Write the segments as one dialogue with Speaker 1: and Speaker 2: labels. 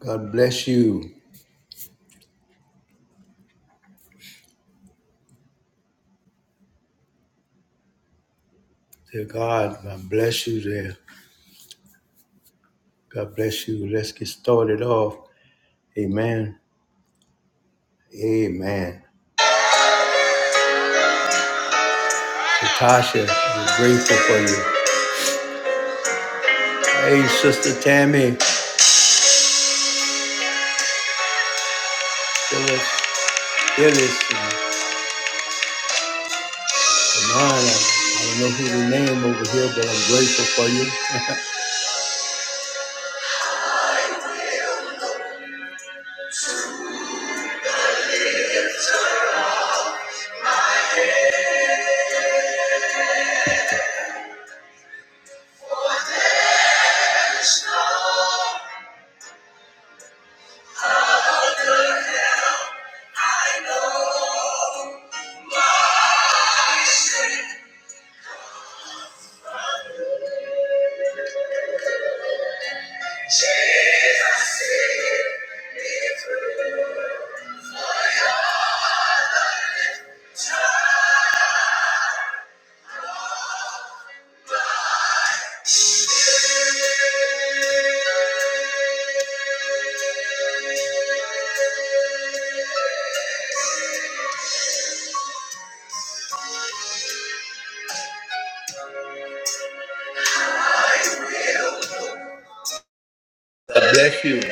Speaker 1: God bless you. Dear God, God bless you there. God bless you. Let's get started off. Amen. Amen. Natasha, I'm grateful for you. Hey, Sister Tammy, Phyllis, Phyllis, and Amana. I don't know who the name over here, but I'm grateful for you. God bless you.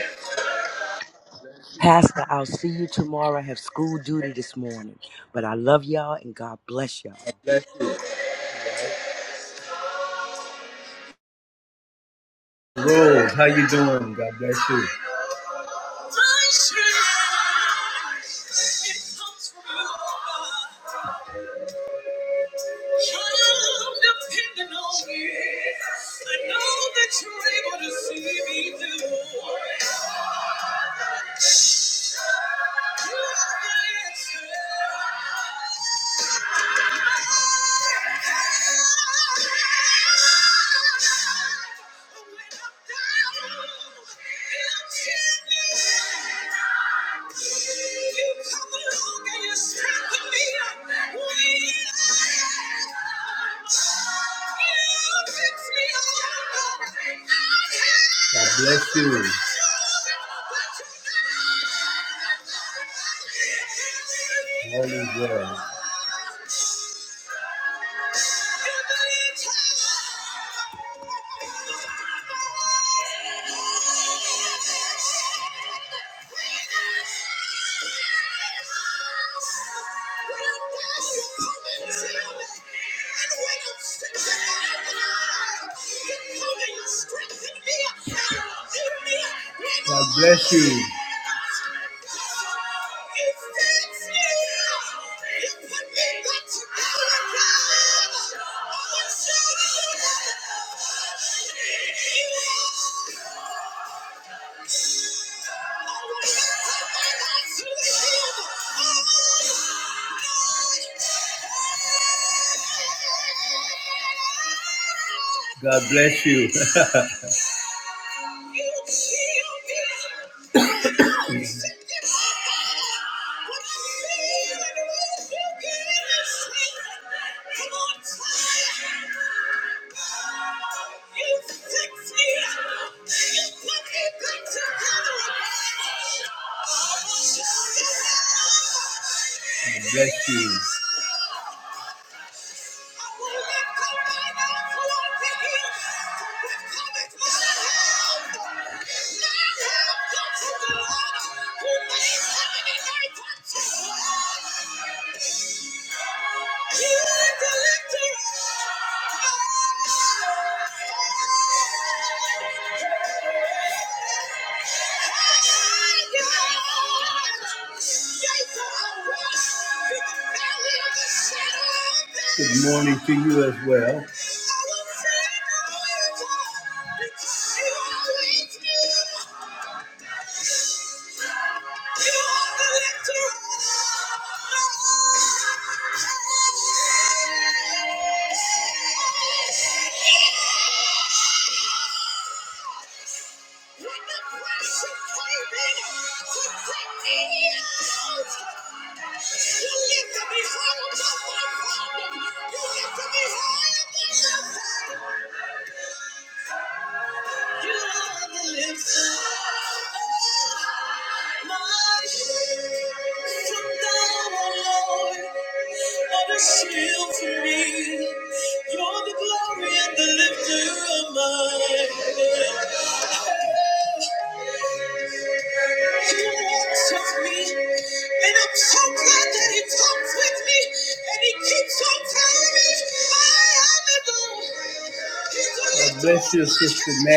Speaker 2: Pastor, I'll see you tomorrow. I have school duty this morning. But I love y'all and God bless y'all.
Speaker 1: Bless you. Rose, how you doing? God bless you. God bless you. to you as well.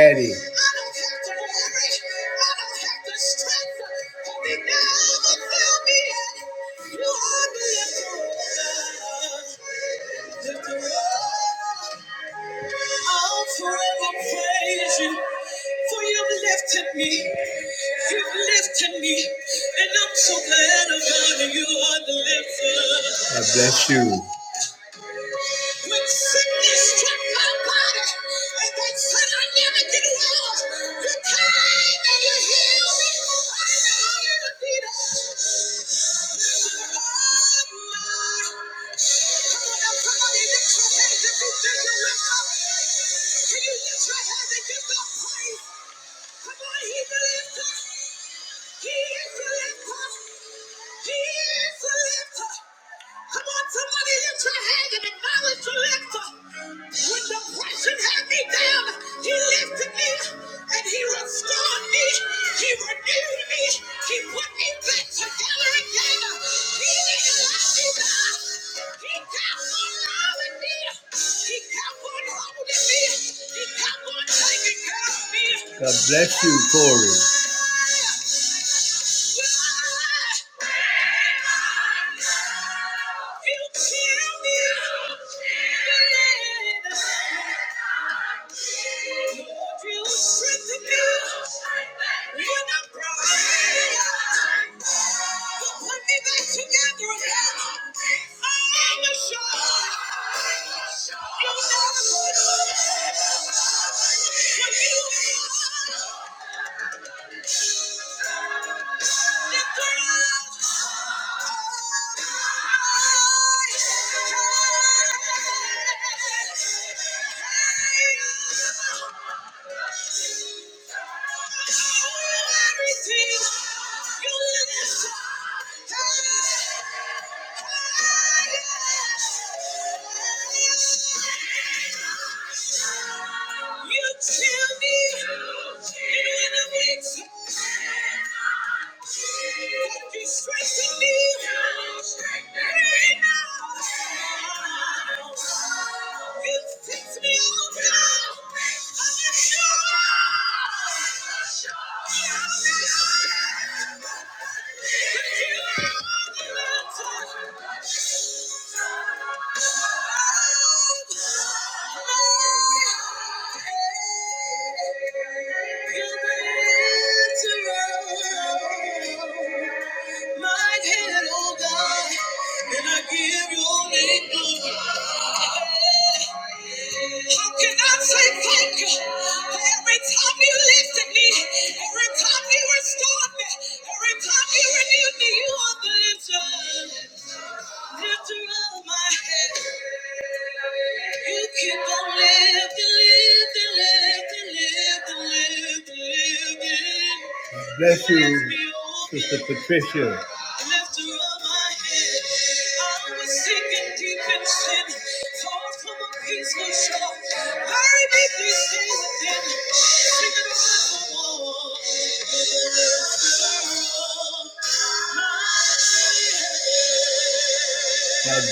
Speaker 1: Eddie, God bless you. God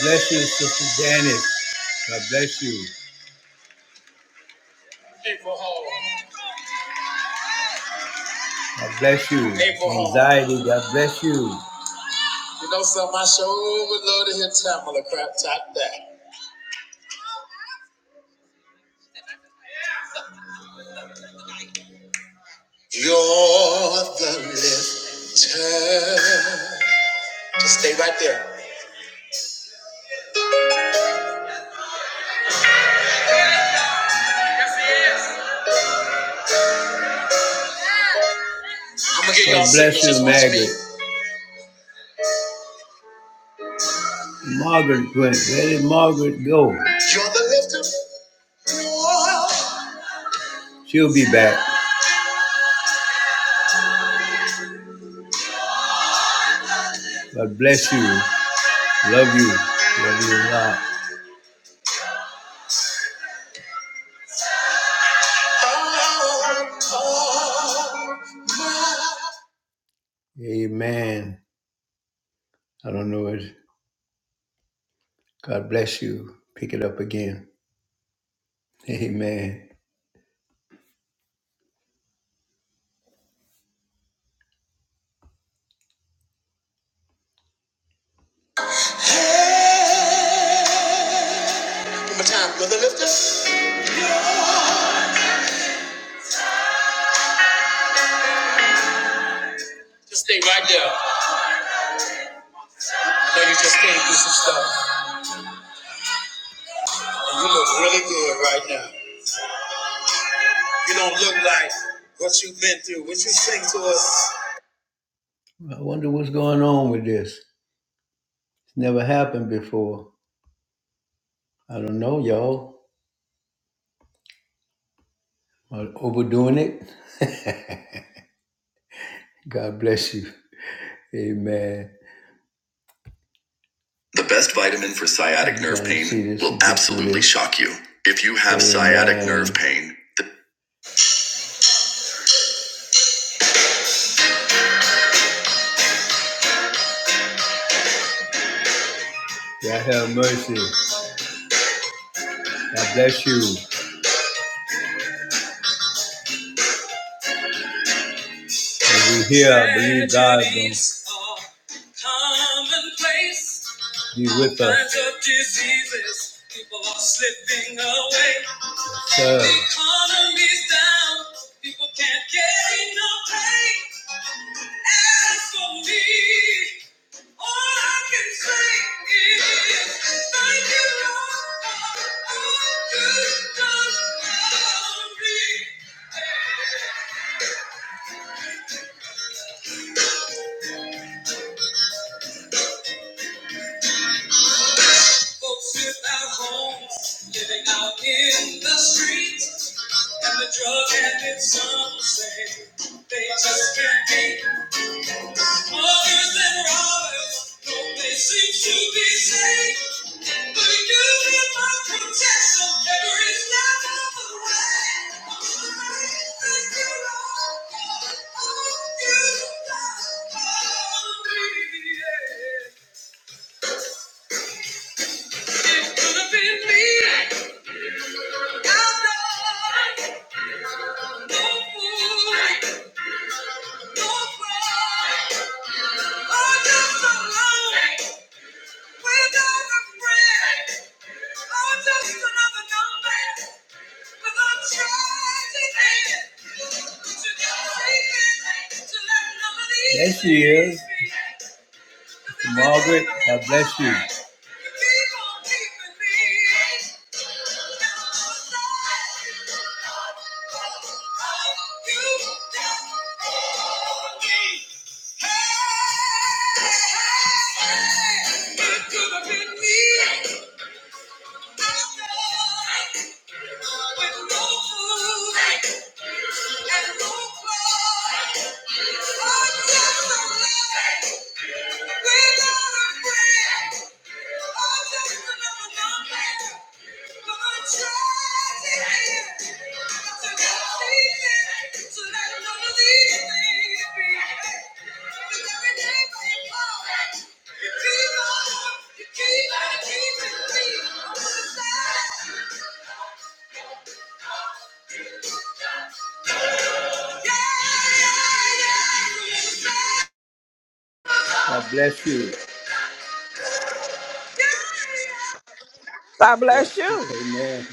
Speaker 1: bless you, Sister Janet. God bless you. God bless you. Anxiety, God bless you. You know something, I sure would love to hear Tamala crap top that. You're the lifter. Just stay right there. I'm gonna get y'all God bless you, Margaret. Margaret went. Where did Margaret go? You're the lifter. You're- She'll be back. God bless you. Love you. Love you a lot. Oh, oh. Amen. I don't know it. God bless you. Pick it up again. Amen. One more time, brother, lift us. Just stay right there. I know you just came through some stuff. And you look really good right now. You don't look like what you've been through. What you sing to us. I wonder what's going on with this. It's never happened before. I don't know, y'all. Are overdoing it? God bless you. Amen. The best vitamin for sciatic nerve Trying to pain see this will and get through absolutely this. shock you. If you have sciatic Amen. nerve pain, God have mercy. God bless you. And we here be with us. sir. God bless you.
Speaker 3: God
Speaker 1: Yeah.
Speaker 3: bless you.
Speaker 1: Amen.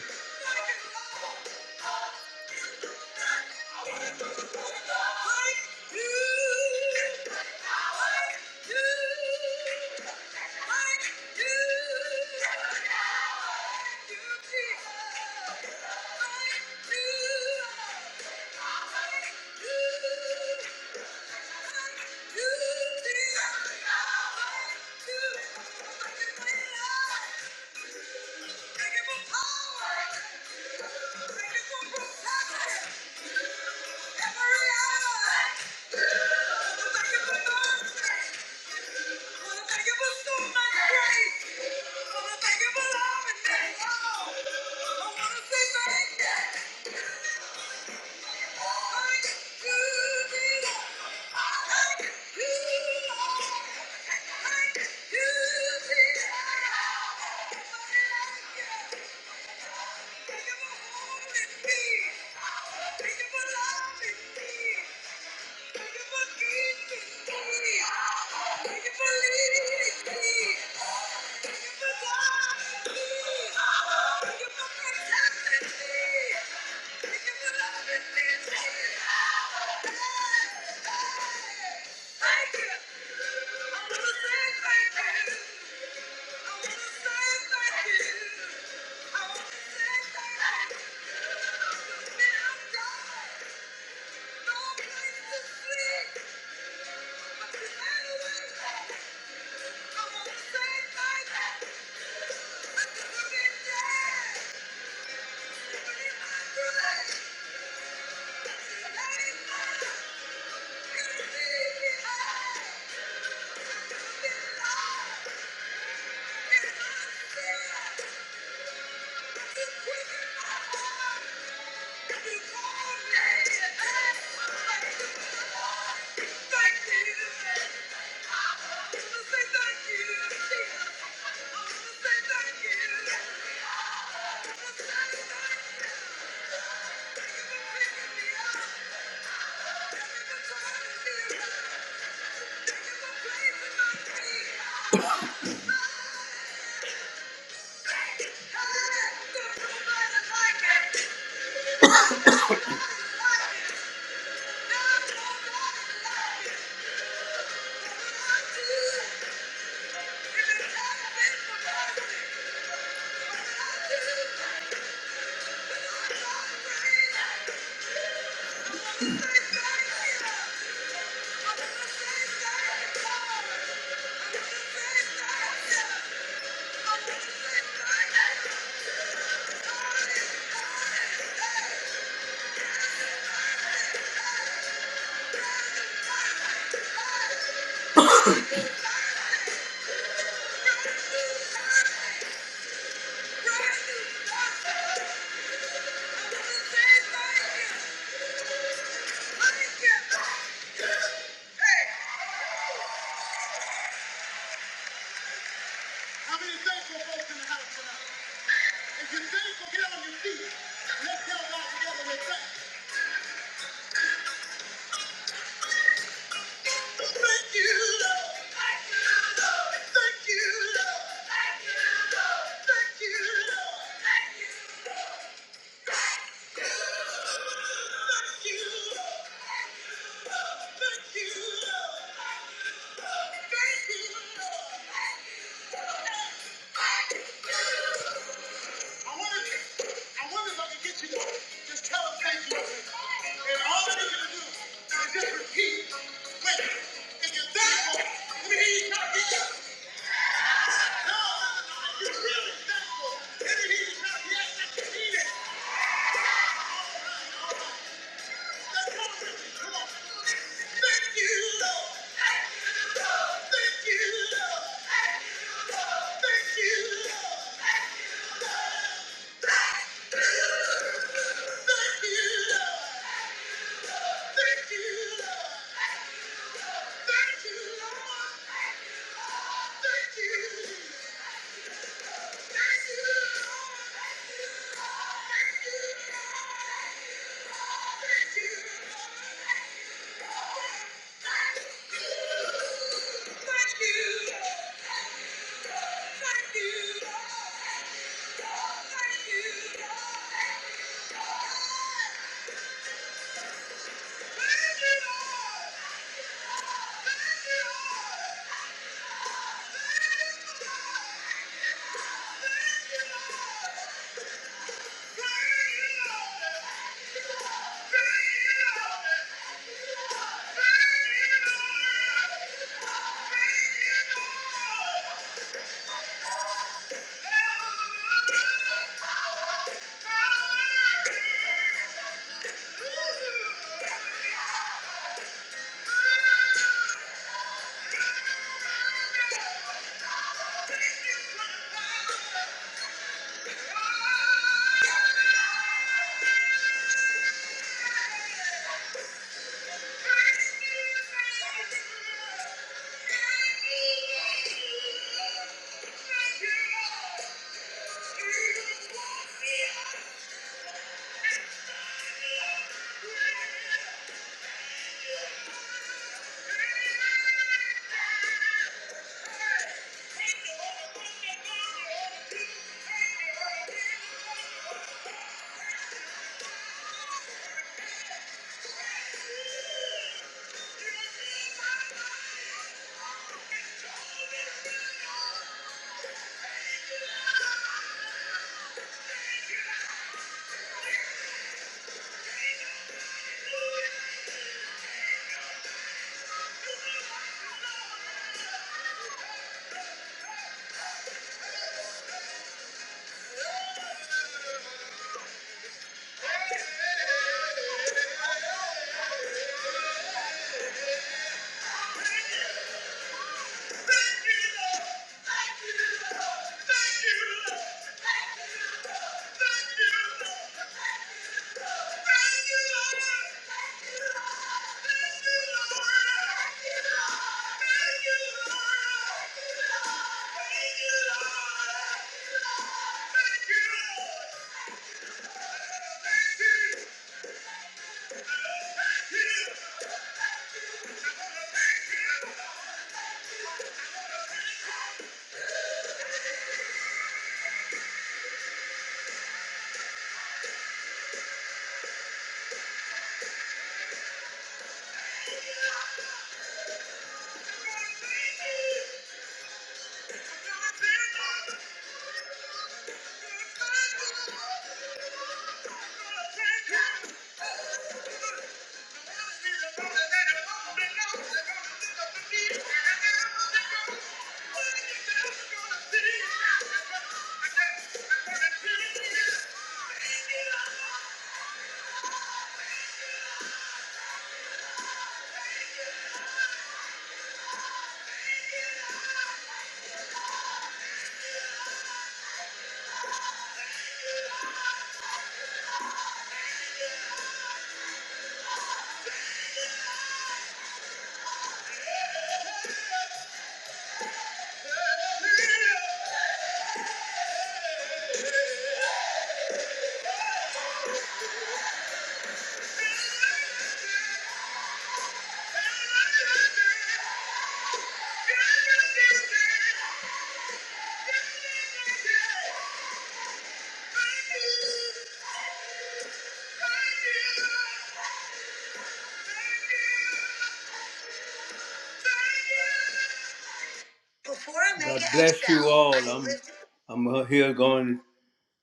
Speaker 1: I'm uh, here going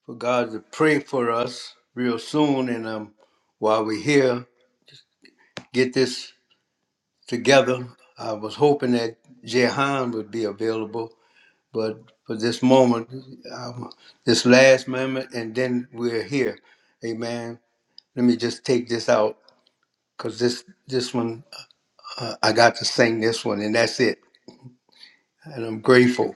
Speaker 1: for God to pray for us real soon. And um, while we're here, get this together. I was hoping that Jehan would be available, but for this moment, um, this last moment, and then we're here. Amen. Let me just take this out because this this one uh, I got to sing this one, and that's it. and I'm grateful.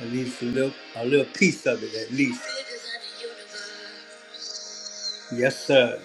Speaker 1: At least a little, a little piece of it, at least. Yes, sir.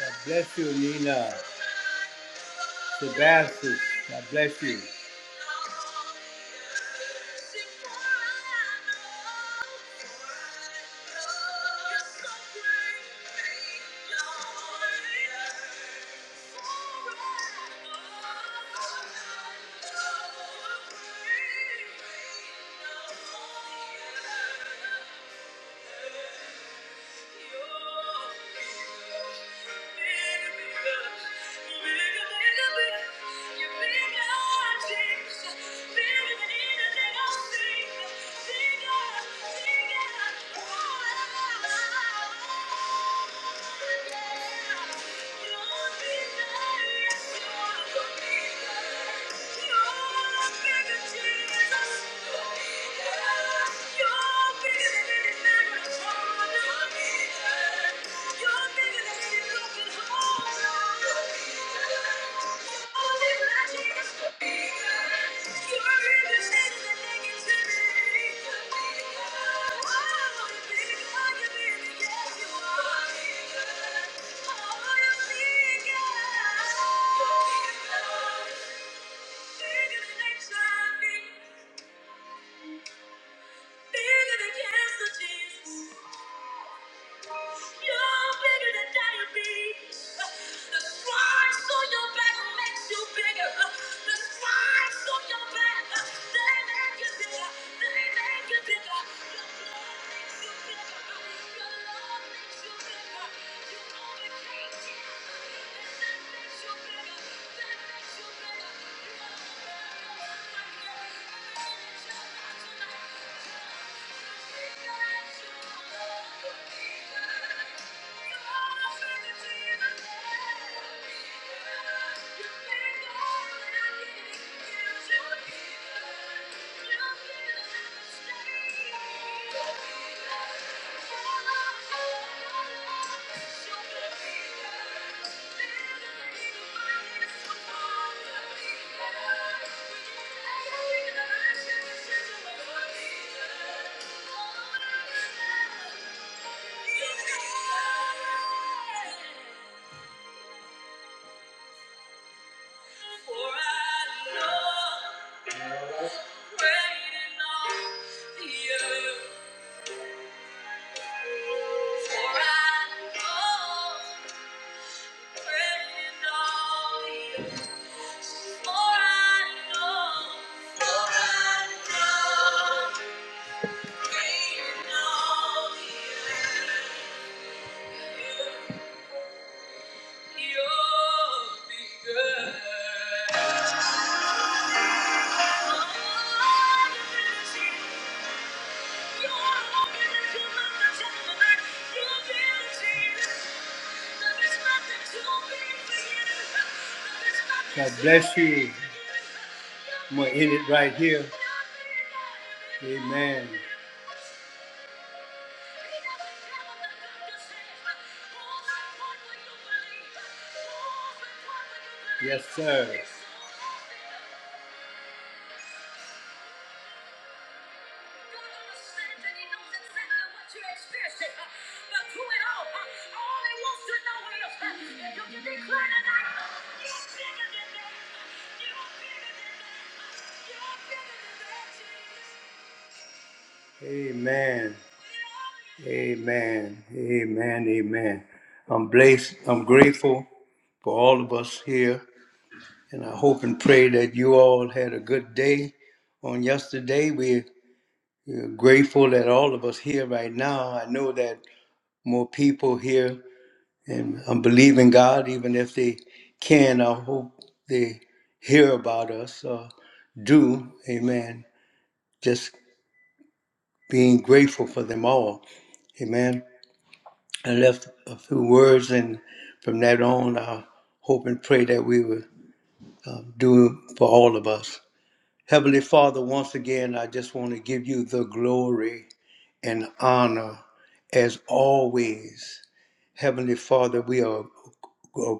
Speaker 1: God bless you, Nina. Sebastian, God bless you. Here. Amen. Amen. Amen. Amen. I'm blessed. I'm grateful for all of us here, and I hope and pray that you all had a good day on yesterday. We're, we're grateful that all of us here right now. I know that more people here and I'm believing God, even if they can, I hope they hear about us or do. Amen. Just being grateful for them all. Amen. I left a few words, and from that on, I hope and pray that we will uh, do for all of us. Heavenly Father, once again, I just want to give you the glory and honor as always. Heavenly Father, we are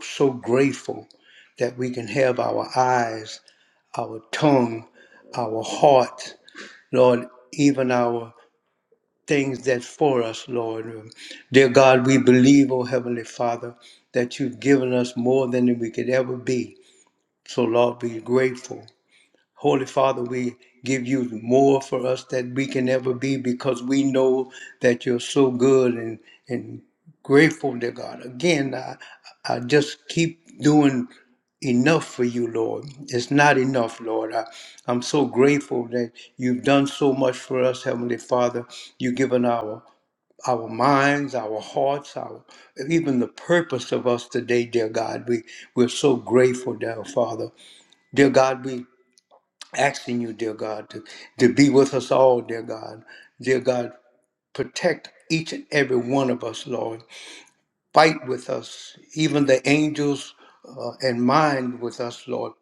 Speaker 1: so grateful that we can have our eyes, our tongue, our heart, Lord, even our things that's for us, Lord. Dear God, we believe, oh Heavenly Father, that you've given us more than we could ever be. So, Lord, we're grateful. Holy Father, we give you more for us that we can ever be because we know that you're so good and, and grateful to God. Again, I, I just keep doing enough for you, Lord. It's not enough, Lord. I, I'm so grateful that you've done so much for us, Heavenly Father. You've given our our minds, our hearts, our even the purpose of us today, dear God. We we're so grateful, dear Father. Dear God, we asking you, dear God, to, to be with us all, dear God. Dear God, protect each and every one of us, Lord fight with us, even the angels uh, and mind with us, Lord.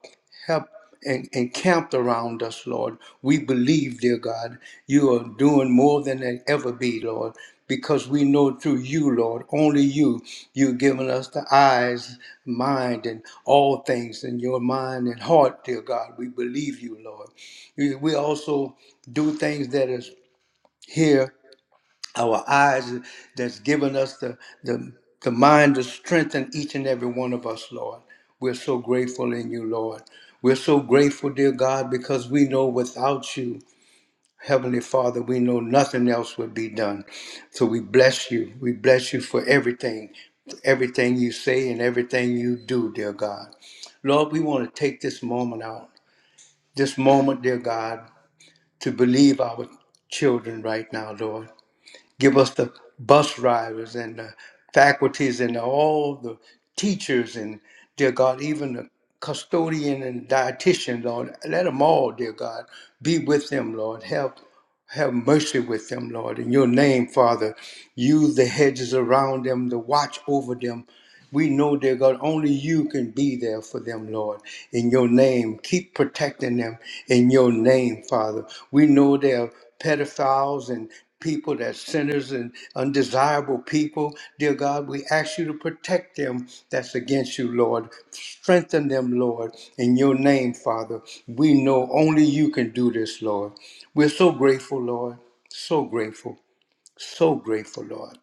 Speaker 1: Help and encamped around us, Lord. We believe, dear God, you are doing more than they ever be, Lord, because we know through you, Lord, only you, you've given us the eyes, mind, and all things in your mind and heart, dear God. We believe you, Lord. We we also do things that is here our eyes that's given us the, the, the mind to strengthen each and every one of us, Lord. We're so grateful in you, Lord. We're so grateful, dear God, because we know without you, Heavenly Father, we know nothing else would be done. So we bless you. We bless you for everything, for everything you say and everything you do, dear God. Lord, we want to take this moment out, this moment, dear God, to believe our children right now, Lord give us the bus drivers and the faculties and all the teachers and dear God, even the custodian and dietitian, Lord, let them all, dear God, be with them, Lord. Help have mercy with them, Lord. In your name, Father, use the hedges around them to watch over them we know, dear God, only you can be there for them, Lord. In your name, keep protecting them in your name, Father. We know there are pedophiles and people that sinners and undesirable people. Dear God, we ask you to protect them that's against you, Lord. Strengthen them, Lord, in your name, Father. We know only you can do this, Lord. We're so grateful, Lord. So grateful. So grateful, Lord.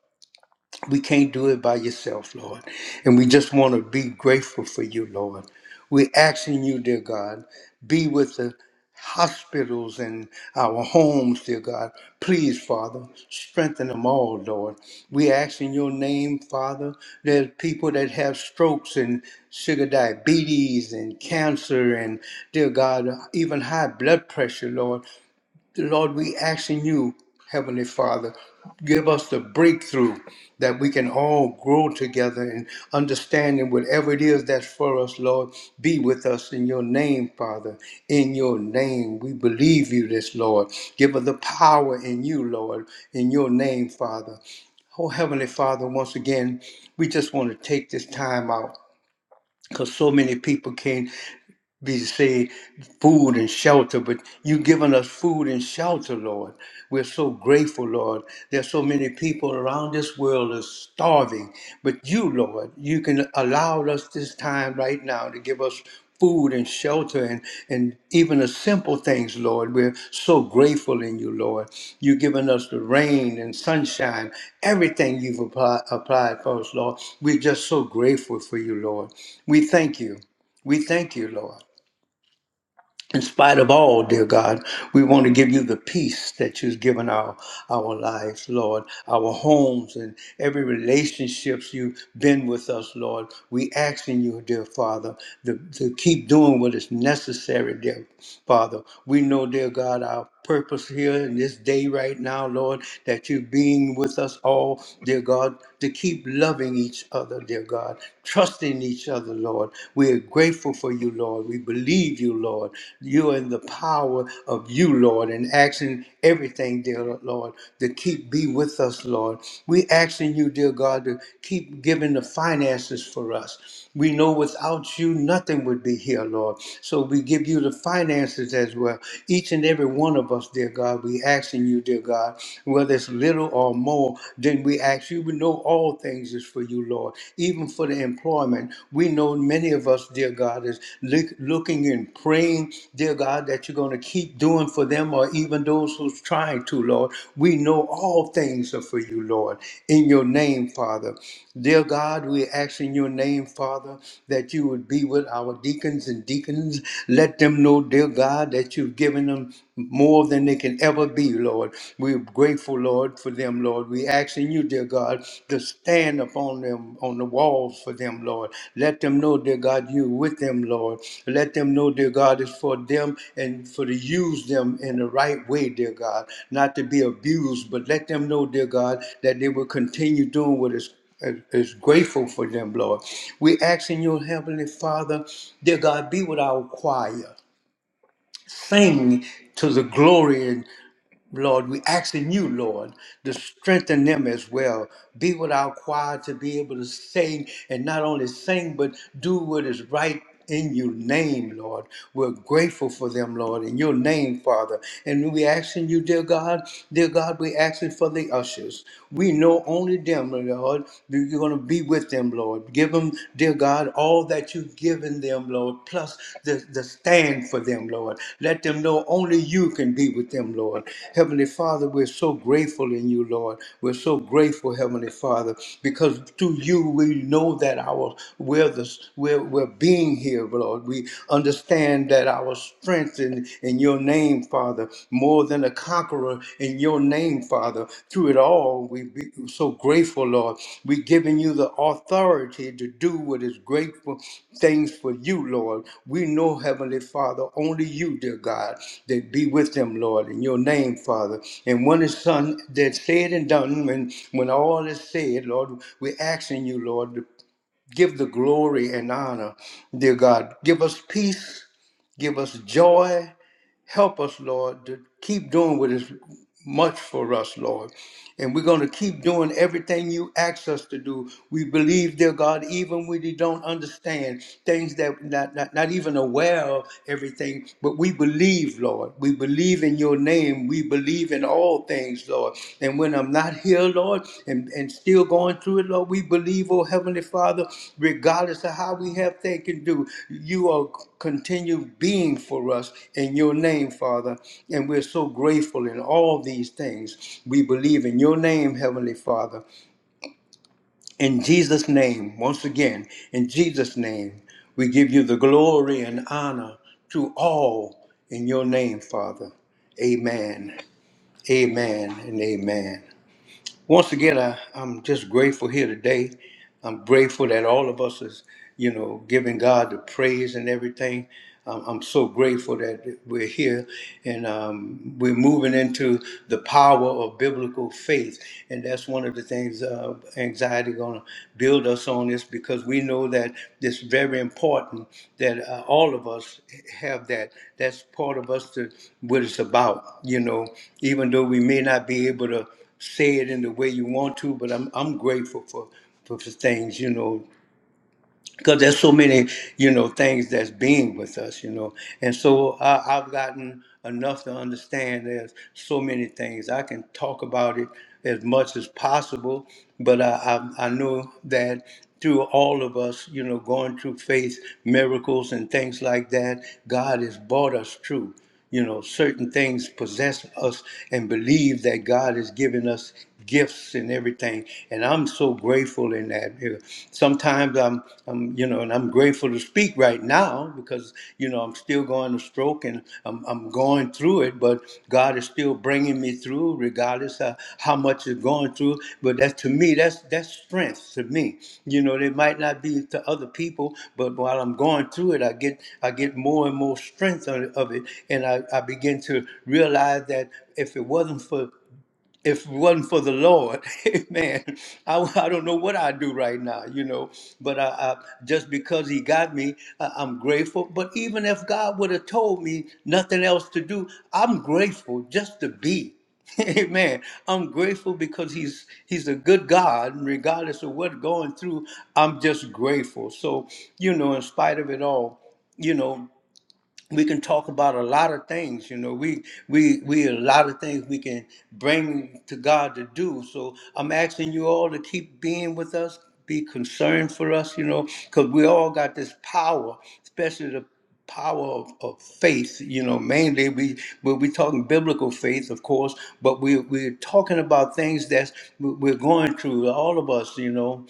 Speaker 1: We can't do it by yourself, Lord. And we just want to be grateful for you, Lord. We're asking you, dear God, be with the hospitals and our homes, dear God. Please, Father, strengthen them all, Lord. We ask in your name, Father, There's people that have strokes and sugar diabetes and cancer and, dear God, even high blood pressure, Lord, Lord, we asking you, Heavenly Father, give us the breakthrough that we can all grow together and understanding whatever it is that's for us, Lord, be with us in your name, Father. In your name, we believe you this, Lord. Give us the power in you, Lord, in your name, Father. Oh, Heavenly Father, once again, we just want to take this time out because so many people can be say food and shelter, but you've given us food and shelter, Lord. We're so grateful, Lord. There's so many people around this world are starving, but you, Lord, you can allow us this time right now to give us food and shelter and, and even the simple things, Lord. We're so grateful in you, Lord. You've given us the rain and sunshine, everything you've applied, applied for us, Lord. We're just so grateful for you, Lord. We thank you. We thank you, Lord. In spite of all, dear God, we want to give you the peace that you've given our, our lives, Lord, our homes and every relationships you've been with us, Lord. We asking you, dear Father, to, to keep doing what is necessary, dear Father. We know, dear God, our purpose here in this day right now, Lord, that you're being with us all, dear God, to keep loving each other, dear God, trusting each other, Lord. We are grateful for you, Lord. We believe you, Lord. You are in the power of you, Lord, and asking everything, dear Lord, to keep be with us, Lord. We asking you, dear God, to keep giving the finances for us. We know without you, nothing would be here, Lord. So we give you the finances as well. Each and every one of us, dear God, we asking you, dear God, whether it's little or more, then we ask you. We know all things is for you, Lord, even for the employment. We know many of us, dear God, is look- looking and praying, dear God, that you're going to keep doing for them them or even those who's trying to, Lord. We know all things are for you, Lord, in your name, Father. Dear God, we ask in your name, Father, that you would be with our deacons and deacons. Let them know, dear God, that you've given them more than they can ever be, Lord. We're grateful, Lord, for them, Lord. We ask in you, dear God, to stand up on them on the walls for them, Lord. Let them know, dear God, you with them, Lord. Let them know, dear God, it's for them and for to use them in the right way, dear God, not to be abused, but let them know, dear God, that they will continue doing what is is is grateful for them, Lord. We ask in your heavenly Father, dear God, be with our choir. Sing to the glory Lord, we asking you, Lord, to strengthen them as well. Be with our choir to be able to sing and not only sing, but do what is right in your name, Lord. We're grateful for them, Lord, in your name, Father. And we asking you, dear God, dear God, we asking for the ushers. We know only them, Lord. You're going to be with them, Lord. Give them dear God, all that you've given them, Lord, plus the, the stand for them, Lord. Let them know only you can be with them, Lord. Heavenly Father, we're so grateful in you, Lord. We're so grateful, Heavenly Father, because through you we know that our we're the we're, we're being here, Lord. We understand that our strength in, in your name, Father, more more than a conqueror in your name, Father. Through it all, we be so grateful, Lord. We're giving you the authority to do what is grateful things for you, Lord. We know, Heavenly Father, only you, dear God, that be with them, Lord, in your name, Father. And when it's done, that said and done, when, when all is said, Lord, we're asking you, Lord, to give the glory and honor, dear God. Give us peace, give us joy, Help us, Lord, to keep doing what is much for us, Lord. And we're going to keep doing everything you ask us to do. We believe, dear God, even when we don't understand things that not, not, not even aware of everything, but we believe, Lord. We believe in your name. We believe in all things, Lord. And when I'm not here, Lord, and, and still going through it, Lord, we believe, oh Heavenly Father, regardless of how we have things to do, you are continue being for us in your name, Father. And we're so grateful in all these things. We believe in your name, Heavenly Father. In Jesus' name, once again, in Jesus' name, we give you the glory and honor to all in your name, Father. Amen. Amen and amen once again, I, I'm just grateful here today. I'm grateful that all of us is, you know, giving God the praise and everything. I'm, I'm so grateful that we're here and um, we're moving into the power of biblical faith. And that's one of the things uh, anxiety going to build us on this because we know that it's very important that uh, all of us have that. That's part of us to what it's about, you know, even though we may not be able to say it in the way you want to, but I'm I'm grateful for for, for things, you know, because there's so many, you know, things that's being with us, you know, and so I, I've gotten enough to understand there's so many things I can talk about it as much as possible, but I I, I know that through all of us, you know, going through faith miracles and things like that, God has brought us through. You know, certain things possess us and believe that God has given us gifts and everything. And I'm so grateful in that. You know, Sometimes I'm, I'm, you know, and I'm grateful to speak right now because, you know, I'm still going to stroke and I'm, I'm going through it, but God. God is still bringing me through, regardless of how much is going through. But that's to me, that's that's strength to me. You know, they might not be to other people, but while I'm going through it, I get I get more and more strength of it, of it, and I, I begin to realize that if it wasn't for if it wasn't for the Lord, man, I, I don't know what I'd do right now, you know. But I, I, just because He got me, I, I'm grateful. But even if God would have told me nothing else to do, I'm grateful just to be. Amen. I'm grateful because He's He's a good God, and regardless of what going through, I'm just grateful. So you know, in spite of it all, you know we can talk about a lot of things you know we we we a lot of things we can bring to god to do so i'm asking you all to keep being with us be concerned for us you know because we all got this power especially the power of, of faith you know mainly we we're we talking biblical faith of course but we, we're talking about things that's we're going through all of us you know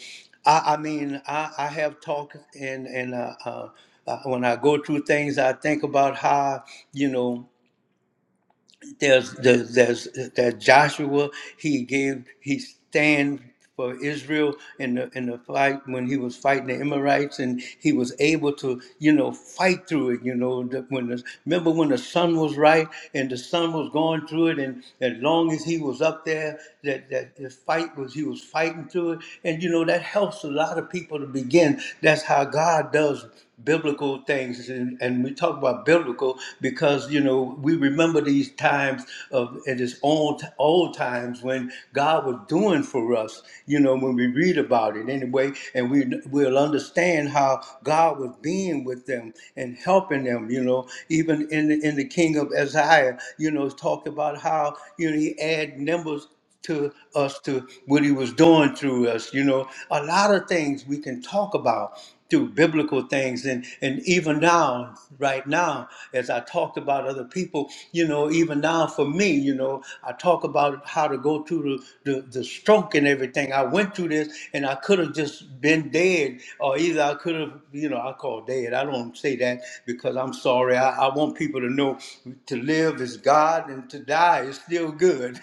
Speaker 1: I, I mean, I, I have talked and and uh, uh, uh, when I go through things, I think about how you know there's there's there's, there's Joshua. He gave he stand for Israel in the in the fight when he was fighting the Amorites, and he was able to you know fight through it. You know the, when the, remember when the sun was right and the sun was going through it, and as long as he was up there, that that the fight was he was fighting through it, and you know that helps a lot of people to begin. That's how God does biblical things and, and we talk about biblical because you know we remember these times of in this old old times when god was doing for us you know when we read about it anyway and we we will understand how god was being with them and helping them you know even in the, in the king of isaiah you know it's talked about how you know he add numbers to us to what he was doing through us you know a lot of things we can talk about through biblical things and and even now right now as i talked about other people you know even now for me you know i talk about how to go through the the, the stroke and everything i went through this and i could have just been dead or either i could have look, you know, I call dad. I don't say that because I'm sorry. I, I want people to know to live is God and to die is still good.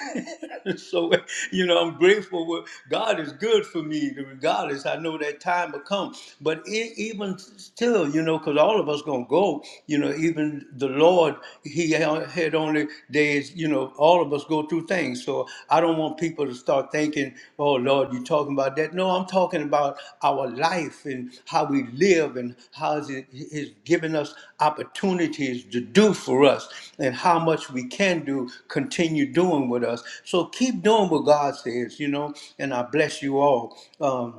Speaker 1: so, you know, I'm grateful. What God is good for me, regardless. I know that time will come, but e- even still, you know, because all of us gonna go. You know, even the Lord, He had only days days, you know, all of us go through things. So I don't want people to start thinking, oh, Lord, you're talking about that. No, I'm talking about our life and how we live and how is it is giving us opportunities to do for us and how much we can do, continue doing with us. So keep doing what God says, you know, and I bless you all. Um,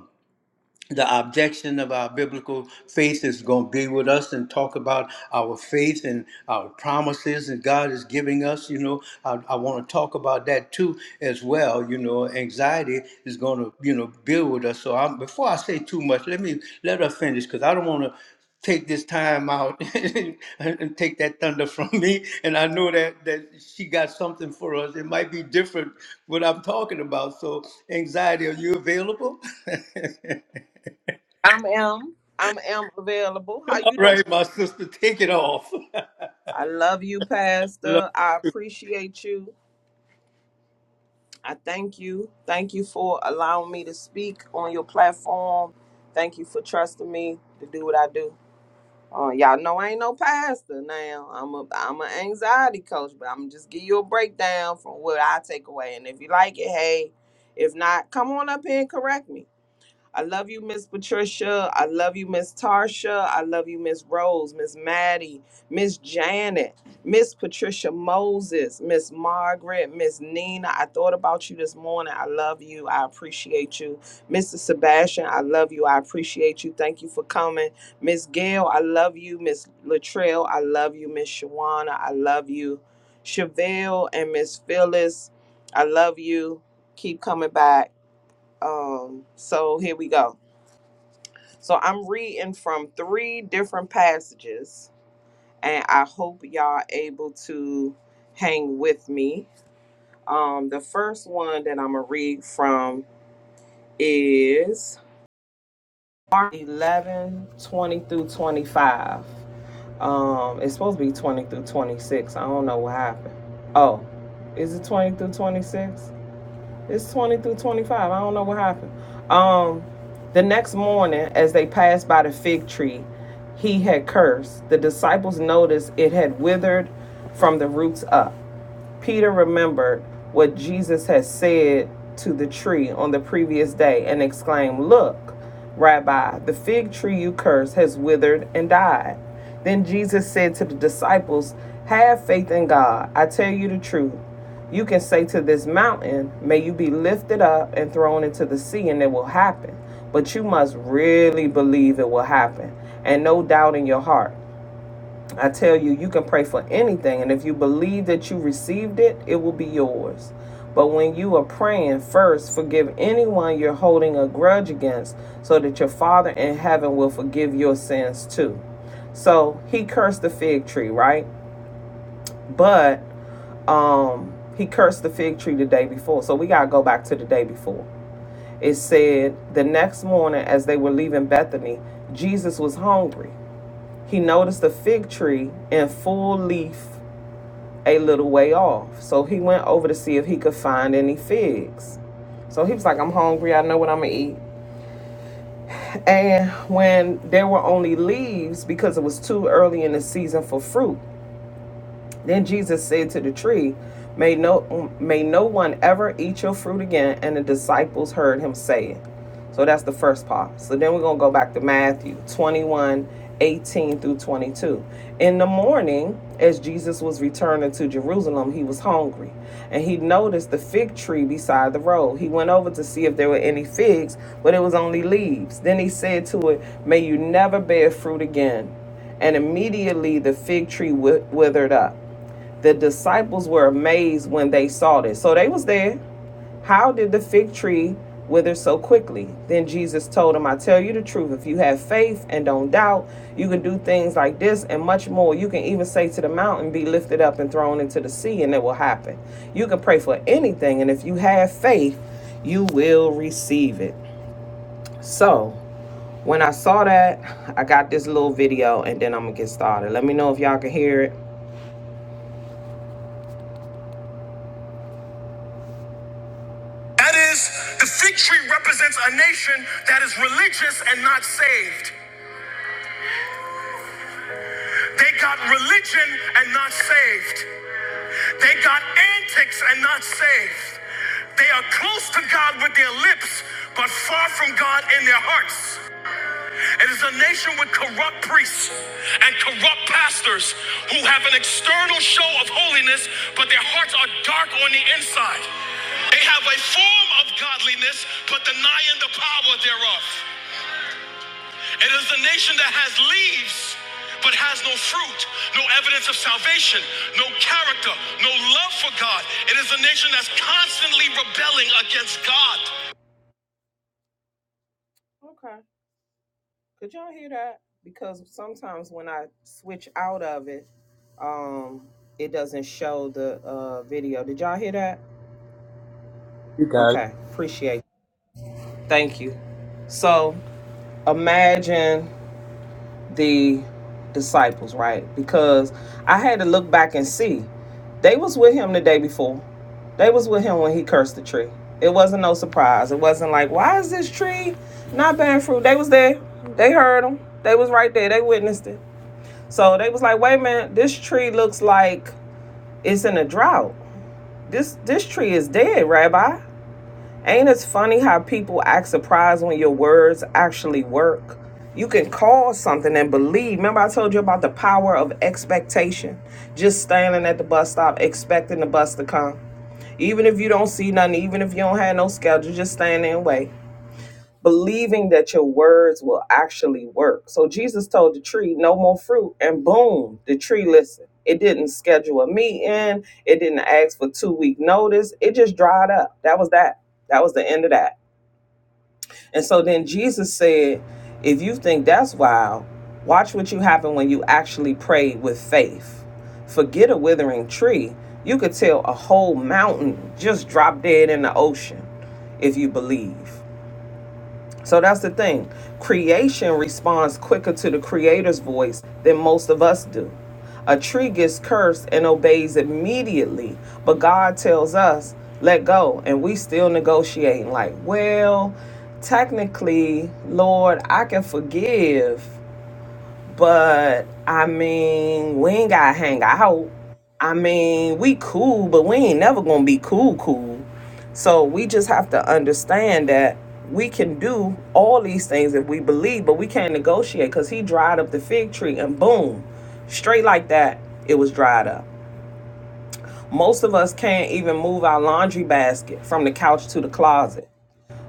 Speaker 1: the objection of our biblical faith is going to be with us and talk about our faith and our promises that God is giving us. You know, I, I want to talk about that too as well. You know, anxiety is going to you know build with us. So I'm, before I say too much, let me let her finish because I don't want to take this time out and, and take that thunder from me. And I know that that she got something for us. It might be different what I'm talking about. So anxiety, are you available?
Speaker 3: I'm M. I'm M available. How you doing?
Speaker 1: Right, my sister, take it off.
Speaker 3: I love you,
Speaker 1: Love-
Speaker 3: Pastor. I appreciate you. I thank you. Thank you for allowing me to speak on your platform. Thank you for trusting me to do what I do. Uh, y'all know I ain't no pastor now. I'm a I'm an anxiety coach, but I'm just give you a breakdown from what I take away. And if you like it, hey. If not, come on up here and correct me. I love you, Miss Patricia. I love you, Miss Tarsha. I love you, Miss Rose, Miss Maddie, Miss Janet, Miss Patricia Moses, Miss Margaret, Miss Nina. I thought about you this morning. I love you. I appreciate you. Mr. Sebastian, I love you. I appreciate you. Thank you for coming. Miss Gail, I love you. Miss Latrell, I love you. Miss Shawana, I love you. Chevelle and Miss Phyllis, I love you. Keep coming back. Um, so here we go. So I'm reading from three different passages, and I hope y'all able to hang with me. Um, the first one that I'm gonna read from is Mark 11 20 through 25. Um, it's supposed to be 20 through 26. I don't know what happened. Oh, is it 20 through 26? It's 20 through 25. I don't know what happened. Um, the next morning, as they passed by the fig tree, he had cursed. The disciples noticed it had withered from the roots up. Peter remembered what Jesus had said to the tree on the previous day and exclaimed, Look, Rabbi, the fig tree you cursed has withered and died. Then Jesus said to the disciples, Have faith in God. I tell you the truth. You can say to this mountain, 'May you be lifted up and thrown into the sea, and it will happen. But you must really believe it will happen, and no doubt in your heart. I tell you, you can pray for anything, and if you believe that you received it, it will be yours. But when you are praying, first forgive anyone you're holding a grudge against, so that your Father in heaven will forgive your sins too. So he cursed the fig tree, right? But um, he cursed the fig tree the day before. So we gotta go back to the day before. It said the next morning, as they were leaving Bethany, Jesus was hungry. He noticed a fig tree in full leaf a little way off. So he went over to see if he could find any figs. So he was like, I'm hungry. I know what I'm going to eat. And when there were only leaves because it was too early in the season for fruit, then Jesus said to the tree, May no may no one ever eat your fruit again. And the disciples heard him say it. So that's the first part. So then we're gonna go back to Matthew 21, 18 through 22. In the morning, as Jesus was returning to Jerusalem, he was hungry, and he noticed the fig tree beside the road. He went over to see if there were any figs, but it was only leaves. Then he said to it, May you never bear fruit again. And immediately the fig tree withered up. The disciples were amazed when they saw this. So they was there. How did the fig tree wither so quickly? Then Jesus told them, I tell you the truth, if you have faith and don't doubt, you can do things like this and much more. You can even say to the mountain, Be lifted up and thrown into the sea, and it will happen. You can pray for anything, and if you have faith, you will receive it. So, when I saw that, I got this little video, and then I'm going to get started. Let me know if y'all can hear it. That is, the fig tree represents a nation that is religious and not saved. They got religion and not saved. They got antics and not saved. They are close to God with their lips, but far from God in their hearts. It is a nation with corrupt priests and corrupt pastors who have an external show of holiness, but their hearts are dark on the inside. They have a form of godliness, but denying the power thereof. It is a nation that has leaves, but has no fruit, no evidence of salvation, no character, no love for God. It is a nation that's constantly rebelling against God. Okay. Could y'all hear that? Because sometimes when I switch out of it, um, it doesn't show the uh, video. Did y'all hear that? Okay, appreciate. it. Thank you. So imagine the disciples, right? Because I had to look back and see they was with him the day before. They was with him when he cursed the tree. It wasn't no surprise. It wasn't like, why is this tree not bearing fruit? They was there. They heard him. They was right there. They witnessed it. So they was like, wait a minute, this tree looks like it's in a drought. This this tree is dead, Rabbi. Ain't it funny how people act surprised when your words actually work? You can call something and believe. Remember, I told you about the power of expectation. Just standing at the bus stop, expecting the bus to come. Even if you don't see nothing, even if you don't have no schedule, just stand there and wait believing that your words will actually work. So Jesus told the tree, no more fruit, and boom, the tree listened. It didn't schedule a meeting, it didn't ask for two week notice, it just dried up. That was that. That was the end of that. And so then Jesus said, if you think that's wild, watch what you happen when you actually pray with faith. Forget a withering tree. You could tell a whole mountain just drop dead in the ocean if you believe. So that's the thing. Creation responds quicker to the creator's voice than most of us do. A tree gets cursed and obeys immediately, but God tells us, let go, and we still negotiating like, well, technically, Lord, I can forgive, but I mean, we ain't gotta hang out. I mean, we cool, but we ain't never gonna be cool, cool. So we just have to understand that we can do all these things if we believe, but we can't negotiate because he dried up the fig tree and boom, straight like that, it was dried up. Most of us can't even move our laundry basket from the couch to the closet.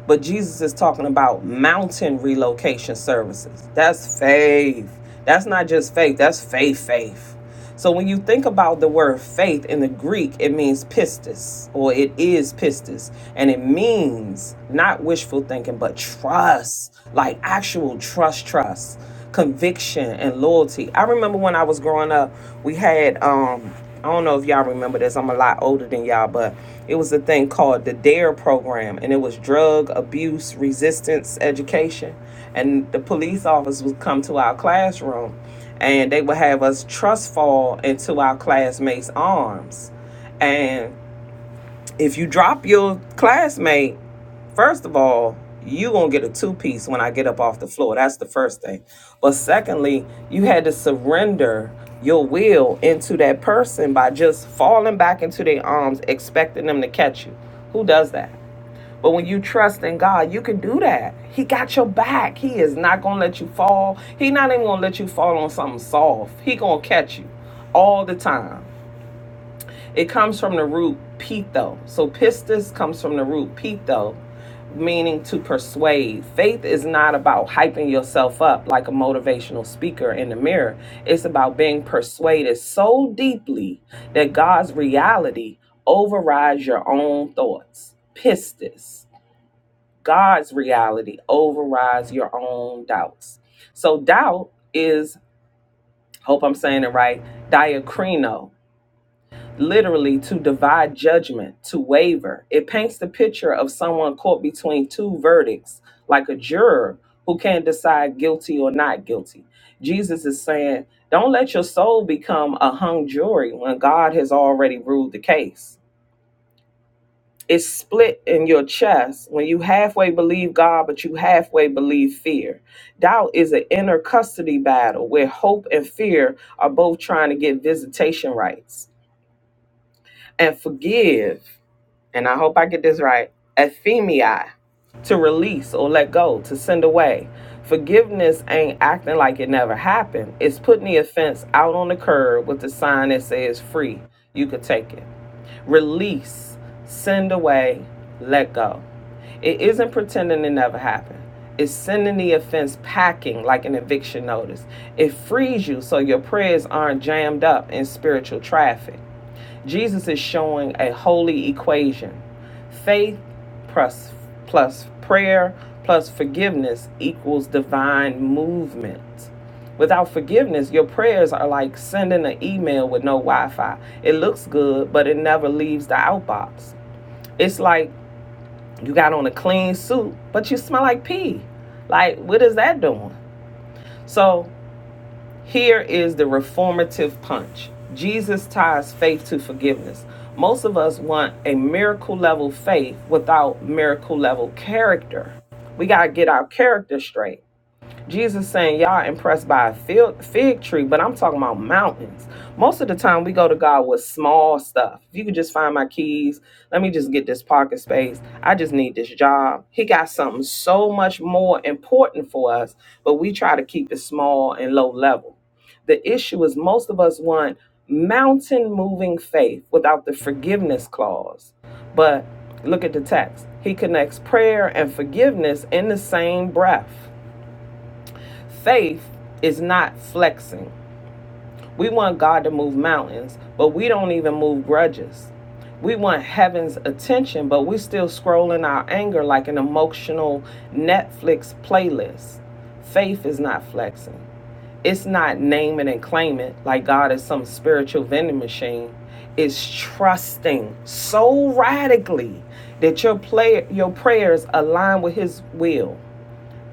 Speaker 3: But Jesus is talking about mountain relocation services. That's faith. That's not just faith, that's faith, faith. So when you think about the word faith in the Greek, it means pistis, or it is pistis. And it means not wishful thinking, but trust, like actual trust, trust, conviction, and loyalty. I remember when I was growing up, we had um I don't know if y'all remember this. I'm a lot older than y'all, but it was a thing called the DARE program, and it was drug abuse resistance education. And the police officers would come to our classroom, and they would have us trust fall into our classmates' arms, and if you drop your classmate, first of all, you gonna get a two piece when I get up off the floor. That's the first thing. But secondly, you had to surrender your will into that person by just falling back into their arms, expecting them to catch you. Who does that? But when you trust in God, you can do that. He got your back. He is not gonna let you fall. He not even gonna let you fall on something soft. He gonna catch you all the time. It comes from the root pitho. So pistis comes from the root pitho, meaning to persuade. Faith is not about hyping yourself up like a motivational speaker in the mirror. It's about being persuaded so deeply that God's reality overrides your own thoughts. Pistis. God's reality overrides your own doubts. So doubt is, hope I'm saying it right, diacrino literally to divide judgment, to waver. It paints the picture of someone caught between two verdicts, like a juror who can't decide guilty or not guilty. Jesus is saying, don't let your soul become a hung jury when God has already ruled the case. It's split in your chest when you halfway believe God, but you halfway believe fear. Doubt is an inner custody battle where hope and fear are both trying to get visitation rights. And forgive and I hope I get this right, euphemia, to release or let go, to send away. Forgiveness ain't acting like it never happened. It's putting the offense out on the curb with the sign that says free. You could take it. Release, send away, let go. It isn't pretending it never happened. It's sending the offense packing like an eviction notice. It frees you so your prayers aren't jammed up in spiritual traffic. Jesus is showing a holy equation. Faith plus, plus prayer plus forgiveness equals divine movement. Without forgiveness, your prayers are like sending an email with no Wi Fi. It looks good, but it never leaves the outbox. It's like you got on a clean suit, but you smell like pee. Like, what is that doing? So, here is the reformative punch Jesus ties faith to forgiveness. Most of us want a miracle level faith without miracle level character. We got to get our character straight. Jesus saying y'all impressed by a fig, fig tree, but I'm talking about mountains. Most of the time we go to God with small stuff. If you could just find my keys, let me just get this parking space. I just need this job. He got something so much more important for us, but we try to keep it small and low level. The issue is most of us want mountain moving faith without the forgiveness clause. But look at the text. He connects prayer and forgiveness in the same breath. Faith is not flexing. We want God to move mountains, but we don't even move grudges. We want heaven's attention, but we're still scrolling our anger like an emotional Netflix playlist. Faith is not flexing. It's not name it and claim it like God is some spiritual vending machine. It's trusting so radically that your play, your prayers align with His will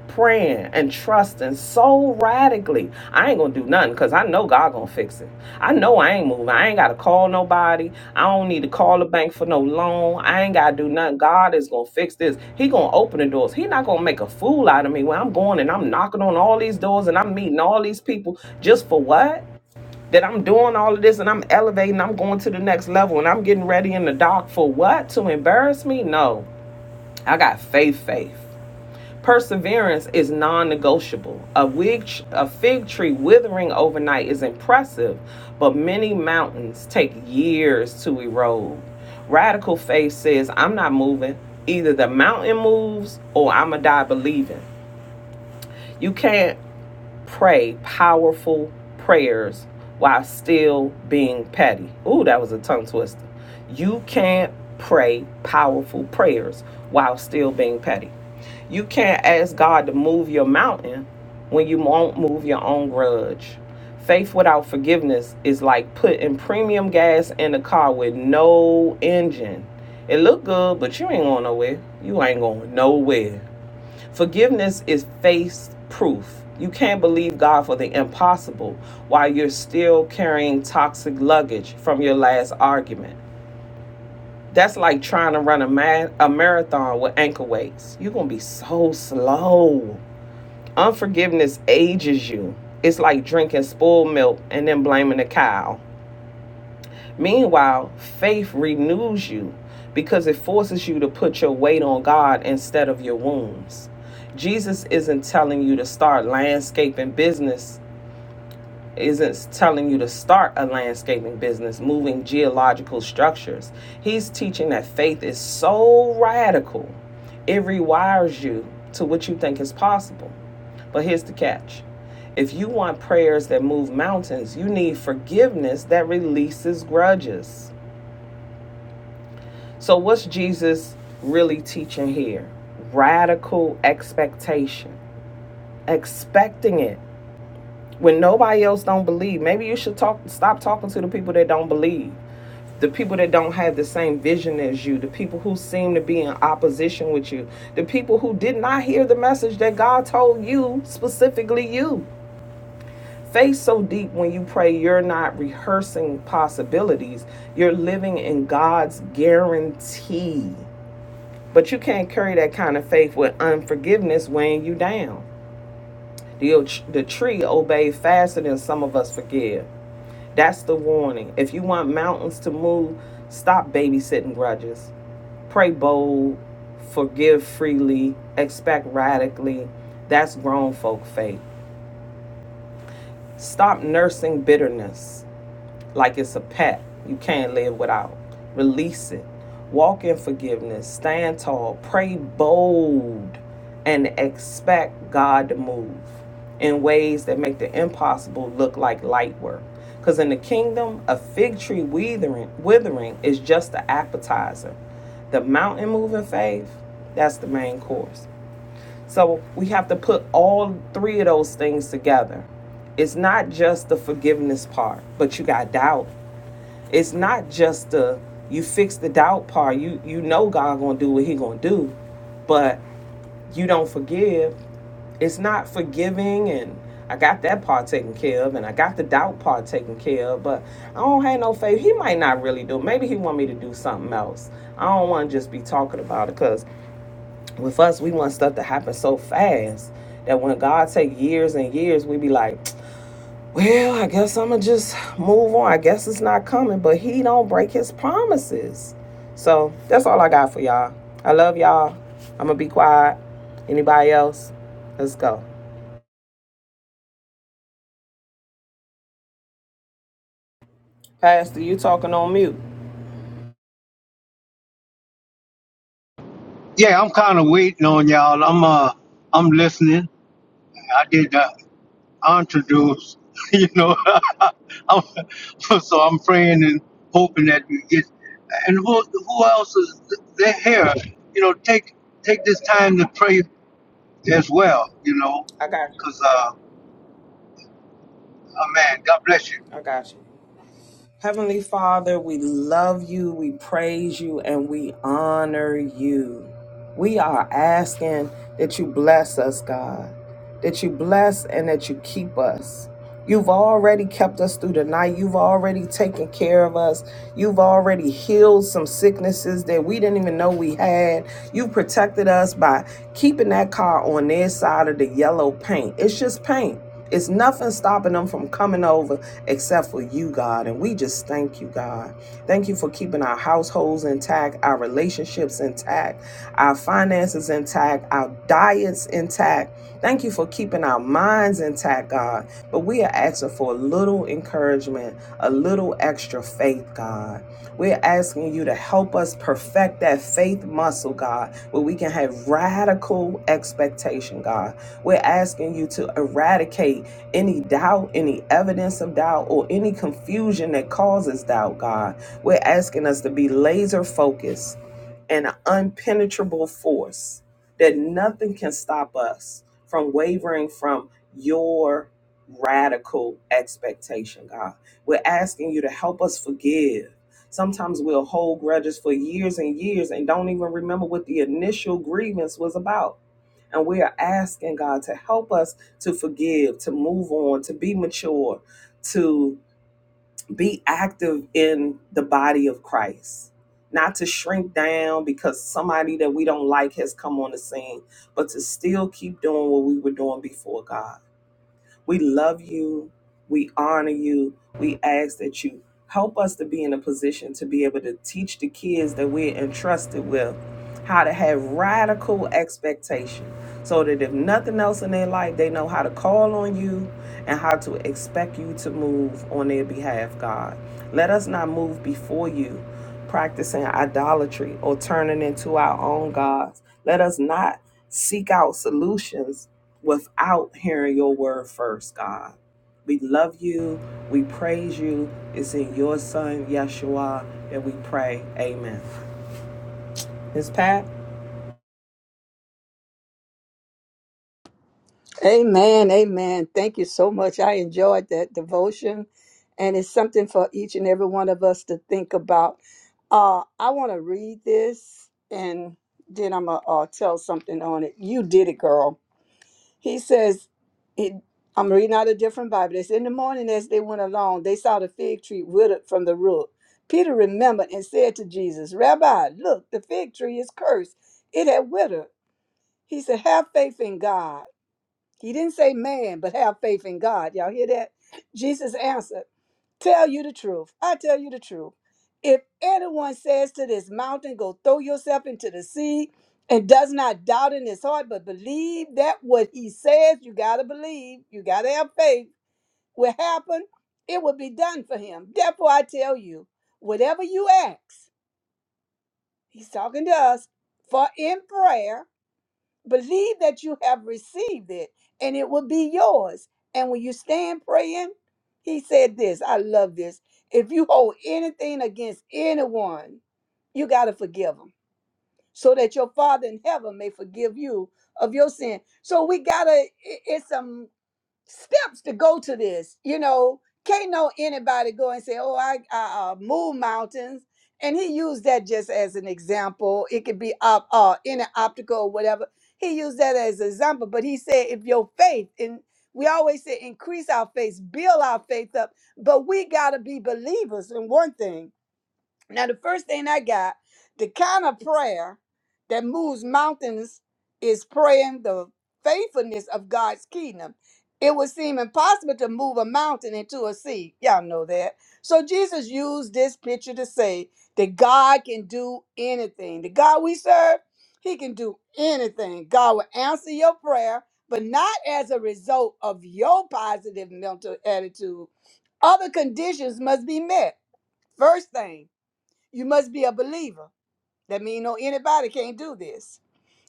Speaker 3: praying and trusting so radically. I ain't gonna do nothing because I know God gonna fix it. I know I ain't moving. I ain't gotta call nobody. I don't need to call the bank for no loan. I ain't gotta do nothing. God is gonna fix this. He gonna open the doors. He not gonna make a fool out of me when I'm going and I'm knocking on all these doors and I'm meeting all these people just for what? That I'm doing all of this and I'm elevating, I'm going to the next level and I'm getting ready in the dark for what? To embarrass me? No. I got faith, faith. Perseverance is non negotiable. A, wig, a fig tree withering overnight is impressive, but many mountains take years to erode. Radical faith says, I'm not moving. Either the mountain moves or I'm going to die believing. You can't pray powerful prayers while still being petty. Ooh, that was a tongue twister. You can't pray powerful prayers while still being petty. You can't ask God to move your mountain when you won't move your own grudge. Faith without forgiveness is like putting premium gas in a car with no engine. It look good, but you ain't going nowhere. You ain't going nowhere. Forgiveness is faith proof. You can't believe God for the impossible while you're still carrying toxic luggage from your last argument. That's like trying to run a, ma- a marathon with ankle weights. You're going to be so slow. Unforgiveness ages you. It's like drinking spoiled milk and then blaming the cow. Meanwhile, faith renews you because it forces you to put your weight on God instead of your wounds. Jesus isn't telling you to start landscaping business, isn't telling you to start a landscaping business, moving geological structures. He's teaching that faith is so radical, it rewires you to what you think is possible. But here's the catch if you want prayers that move mountains, you need forgiveness that releases grudges. So, what's Jesus really teaching here? Radical expectation, expecting it when nobody else don't believe. Maybe you should talk, stop talking to the people that don't believe, the people that don't have the same vision as you, the people who seem to be in opposition with you, the people who did not hear the message that God told you specifically you. Faith so deep when you pray, you're not rehearsing possibilities. You're living in God's guarantee. But you can't carry that kind of faith with unforgiveness weighing you down. The, the tree obeyed faster than some of us forgive. That's the warning. If you want mountains to move, stop babysitting grudges. Pray bold, forgive freely, expect radically. That's grown folk faith. Stop nursing bitterness. like it's a pact you can't live without. Release it. Walk in forgiveness. Stand tall. Pray bold and expect God to move in ways that make the impossible look like light work. Because in the kingdom, a fig tree withering, withering is just the appetizer. The mountain moving faith, that's the main course. So we have to put all three of those things together. It's not just the forgiveness part, but you got doubt. It's not just the you fix the doubt part. You you know God gonna do what He gonna do, but you don't forgive. It's not forgiving, and I got that part taken care of, and I got the doubt part taken care of. But I don't have no faith. He might not really do. it. Maybe He want me to do something else. I don't want to just be talking about it, cause with us we want stuff to happen so fast that when God take years and years, we be like. Well, I guess I'ma just move on. I guess it's not coming, but he don't break his promises. So that's all I got for y'all. I love y'all. I'ma be quiet. Anybody else? Let's go. Pastor, you talking on mute.
Speaker 1: Yeah, I'm kind of waiting on y'all. I'm uh, I'm listening. I did the introduce, you know. I'm, so I'm praying and hoping that we get. And who who else is they're here? You know, take take this time to pray as well. You know,
Speaker 3: I got you.
Speaker 1: cause uh, oh man, God bless you.
Speaker 3: I got you. Heavenly Father, we love you, we praise you, and we honor you. We are asking that you bless us, God, that you bless and that you keep us. You've already kept us through the night. You've already taken care of us. You've already healed some sicknesses that we didn't even know we had. You protected us by keeping that car on their side of the yellow paint. It's just paint. It's nothing stopping them from coming over except for you, God. And we just thank you, God. Thank you for keeping our households intact, our relationships intact, our finances intact, our diets intact. Thank you for keeping our minds intact, God. But we are asking for a little encouragement, a little extra faith, God. We're asking you to help us perfect that faith muscle, God, where we can have radical expectation, God. We're asking you to eradicate any doubt, any evidence of doubt, or any confusion that causes doubt, God. We're asking us to be laser focused and an unpenetrable force that nothing can stop us from wavering from your radical expectation, God. We're asking you to help us forgive. Sometimes we'll hold grudges for years and years and don't even remember what the initial grievance was about and we are asking God to help us to forgive, to move on, to be mature, to be active in the body of Christ. Not to shrink down because somebody that we don't like has come on the scene, but to still keep doing what we were doing before God. We love you. We honor you. We ask that you help us to be in a position to be able to teach the kids that we're entrusted with how to have radical expectation so that if nothing else in their life, they know how to call on you and how to expect you to move on their behalf, God. Let us not move before you, practicing idolatry or turning into our own gods. Let us not seek out solutions without hearing your word first, God. We love you. We praise you. It's in your son, Yeshua, that we pray. Amen. Miss Pat?
Speaker 4: Amen. Amen. Thank you so much. I enjoyed that devotion, and it's something for each and every one of us to think about. Uh, I want to read this, and then I'm going to uh, tell something on it. You did it, girl. He says, it, I'm reading out a different Bible. It says, In the morning as they went along, they saw the fig tree withered from the root. Peter remembered and said to Jesus, Rabbi, look, the fig tree is cursed. It had withered. He said, Have faith in God. He didn't say man, but have faith in God. Y'all hear that? Jesus answered, Tell you the truth. I tell you the truth. If anyone says to this mountain, Go throw yourself into the sea, and does not doubt in his heart, but believe that what he says, you got to believe, you got to have faith, will happen, it will be done for him. Therefore, I tell you, whatever you ask, he's talking to us, for in prayer, Believe that you have received it and it will be yours. And when you stand praying, he said this. I love this. If you hold anything against anyone, you got to forgive them so that your Father in heaven may forgive you of your sin. So we got to, it's a steps to go to this. You know, can't know anybody go and say, "Oh, I, I uh, move mountains." And he used that just as an example. It could be up uh, any optical or whatever. He used that as an example, but he said, "If your faith and we always say increase our faith, build our faith up, but we gotta be believers in one thing now, the first thing I got, the kind of prayer that moves mountains is praying the faithfulness of God's kingdom. It would seem impossible to move a mountain into a sea. Y'all know that. So Jesus used this picture to say that God can do anything. The God we serve, he can do anything. God will answer your prayer, but not as a result of your positive mental attitude. Other conditions must be met. First thing, you must be a believer. That means no anybody can't do this.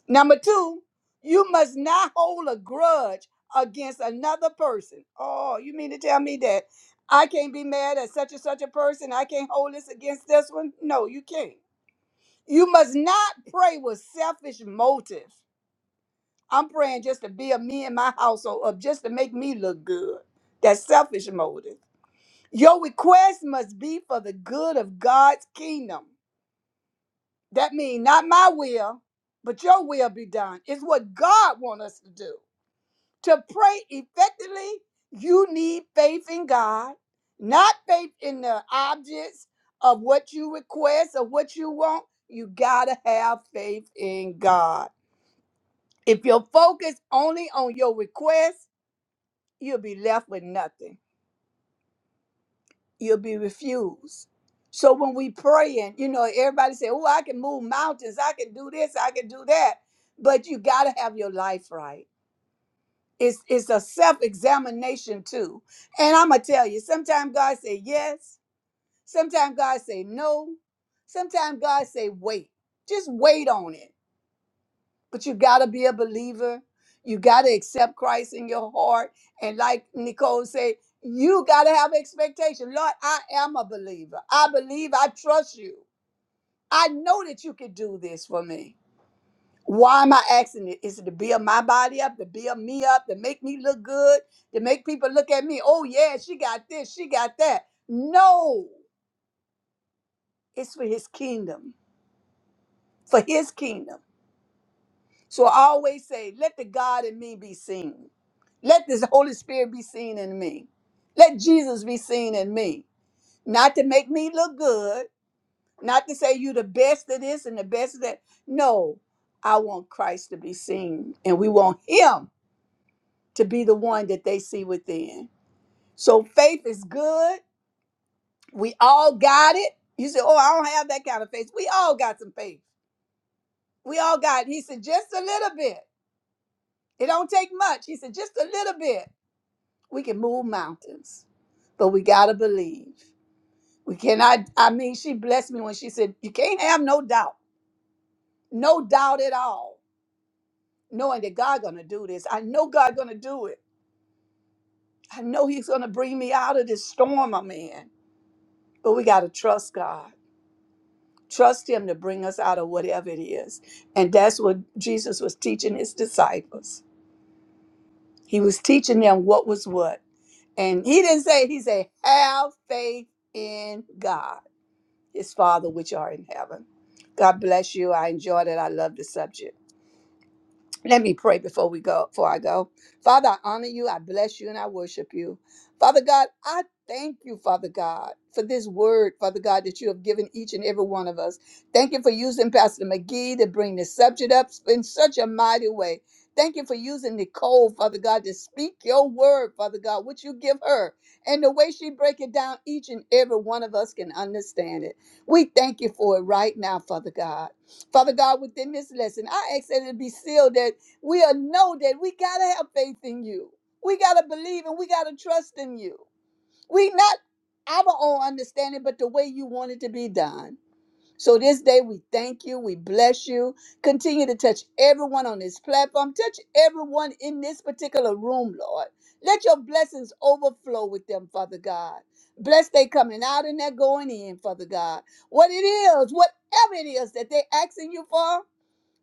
Speaker 4: Number two, you must not hold a grudge against another person. Oh, you mean to tell me that I can't be mad at such and such a person? I can't hold this against this one? No, you can't. You must not pray with selfish motive. I'm praying just to be a me and my household up, just to make me look good. That's selfish motive. Your request must be for the good of God's kingdom. That means not my will, but your will be done. It's what God wants us to do. To pray effectively, you need faith in God, not faith in the objects of what you request or what you want. You gotta have faith in God. If you're focused only on your request, you'll be left with nothing. you'll be refused. So when we praying, you know, everybody say, "Oh, I can move mountains. I can do this. I can do that." But you got to have your life right. It's it's a self examination too. And I'm gonna tell you, sometimes God say yes, sometimes God say no, sometimes God say wait. Just wait on it but you got to be a believer. You got to accept Christ in your heart. And like Nicole said, you got to have expectation. Lord, I am a believer. I believe, I trust you. I know that you can do this for me. Why am I asking it? Is it to build my body up, to build me up, to make me look good, to make people look at me? Oh, yeah, she got this, she got that. No, it's for his kingdom, for his kingdom. So I always say, let the God in me be seen. Let this Holy Spirit be seen in me. Let Jesus be seen in me. Not to make me look good, not to say you the best of this and the best of that. No, I want Christ to be seen, and we want Him to be the one that they see within. So faith is good. We all got it. You say, Oh, I don't have that kind of faith. We all got some faith. We all got it. He said, Just a little bit. It don't take much. He said, Just a little bit. We can move mountains, but we got to believe. We cannot, I mean, she blessed me when she said, You can't have no doubt, no doubt at all, knowing that God gonna do this. I know God gonna do it. I know He's gonna bring me out of this storm I'm in. But we gotta trust God. Trust Him to bring us out of whatever it is. And that's what Jesus was teaching his disciples. He was teaching them what was what. And he didn't say, he said, have faith in God, his Father which are in heaven. God bless you. I enjoyed it. I love the subject. Let me pray before we go, before I go. Father, I honor you, I bless you, and I worship you. Father God, I thank you, Father God, for this word, Father God, that you have given each and every one of us. Thank you for using Pastor McGee to bring this subject up in such a mighty way. Thank you for using Nicole, Father God, to speak your word, Father God, which you give her. And the way she break it down, each and every one of us can understand it. We thank you for it right now, Father God. Father God, within this lesson, I ask that it be sealed that. We'll know that we got to have faith in you. We got to believe and we got to trust in you. We not our own understanding, but the way you want it to be done. So this day we thank you, we bless you. Continue to touch everyone on this platform, touch everyone in this particular room, Lord. Let your blessings overflow with them, Father God. Bless they coming out and they're going in, Father God. What it is, whatever it is that they're asking you for,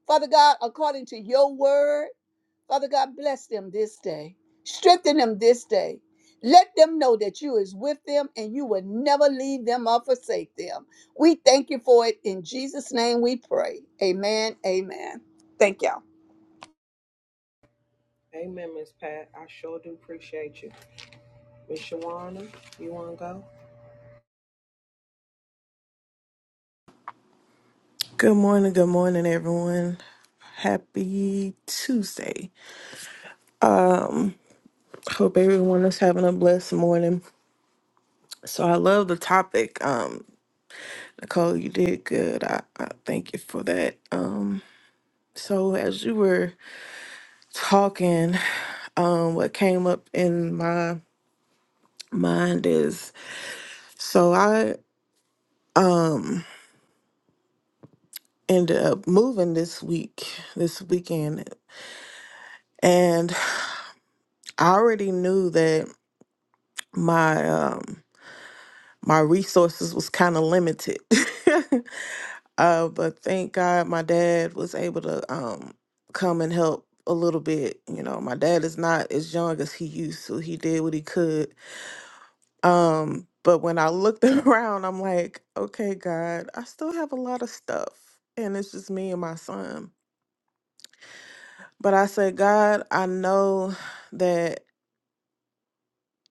Speaker 4: Father God, according to your word. Father God, bless them this day. Strengthen them this day. Let them know that you is with them and you will never leave them or forsake them. We thank you for it. In Jesus' name we pray. Amen. Amen. Thank you. all
Speaker 3: Amen, Miss Pat. I sure do appreciate you. Miss Shawana, you want to go?
Speaker 5: Good morning, good morning, everyone. Happy Tuesday. Hope everyone is having a blessed morning. So I love the topic. Um, Nicole, you did good. I, I thank you for that. Um, so as you were talking, um, what came up in my mind is so I um ended up moving this week, this weekend, and I already knew that my um my resources was kind of limited. uh, but thank God my dad was able to um, come and help a little bit. You know, my dad is not as young as he used to. He did what he could. Um, but when I looked around, I'm like, okay, God, I still have a lot of stuff. And it's just me and my son. But I said, God, I know that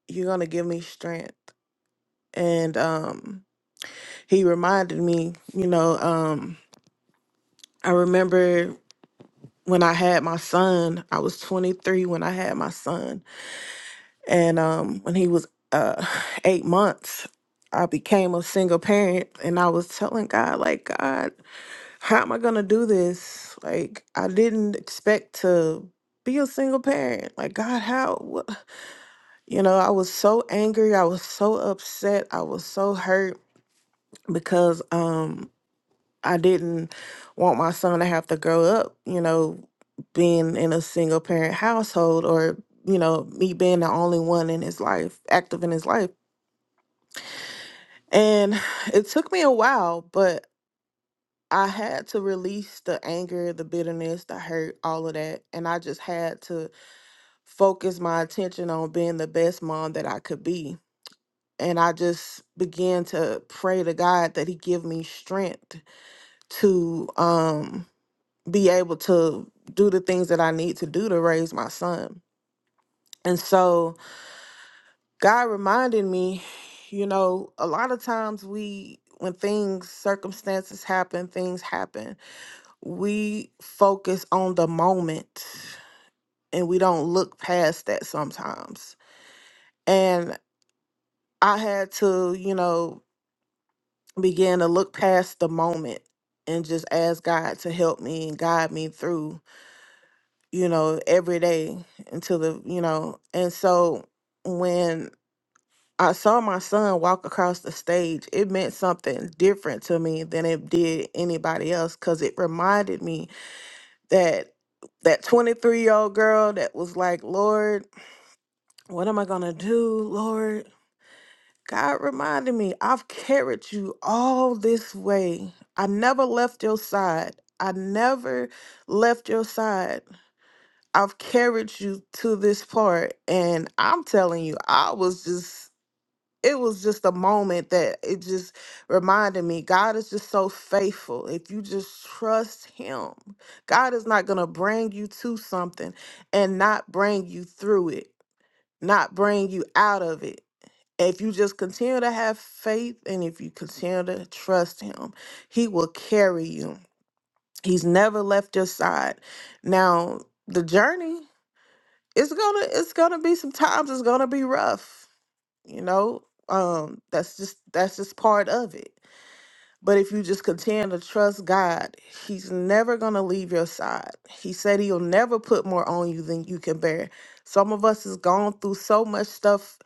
Speaker 5: you're going to give me strength. And um, he reminded me, you know, um, I remember when I had my son, I was 23 when I had my son. And um, when he was uh, eight months, I became a single parent. And I was telling God, like, God, how am I going to do this? Like, I didn't expect to be a single parent. Like, God, how? What? You know, I was so angry. I was so upset. I was so hurt because um, I didn't want my son to have to grow up, you know, being in a single parent household or, you know, me being the only one in his life, active in his life. And it took me a while, but I had to release the anger, the bitterness, the hurt, all of that. And I just had to focus my attention on being the best mom that I could be. And I just began to pray to God that He give me strength to um be able to do the things that I need to do to raise my son. And so God reminded me, you know, a lot of times we, when things, circumstances happen, things happen, we focus on the moment and we don't look past that sometimes. And I had to, you know, begin to look past the moment and just ask God to help me and guide me through you know, every day until the, you know, and so when I saw my son walk across the stage, it meant something different to me than it did anybody else because it reminded me that that 23 year old girl that was like, Lord, what am I going to do? Lord, God reminded me, I've carried you all this way. I never left your side. I never left your side I've carried you to this part. And I'm telling you, I was just, it was just a moment that it just reminded me God is just so faithful. If you just trust Him, God is not going to bring you to something and not bring you through it, not bring you out of it. If you just continue to have faith and if you continue to trust Him, He will carry you. He's never left your side. Now, the journey it's gonna it's gonna be sometimes it's gonna be rough you know um that's just that's just part of it but if you just continue to trust god he's never gonna leave your side he said he'll never put more on you than you can bear some of us has gone through so much stuff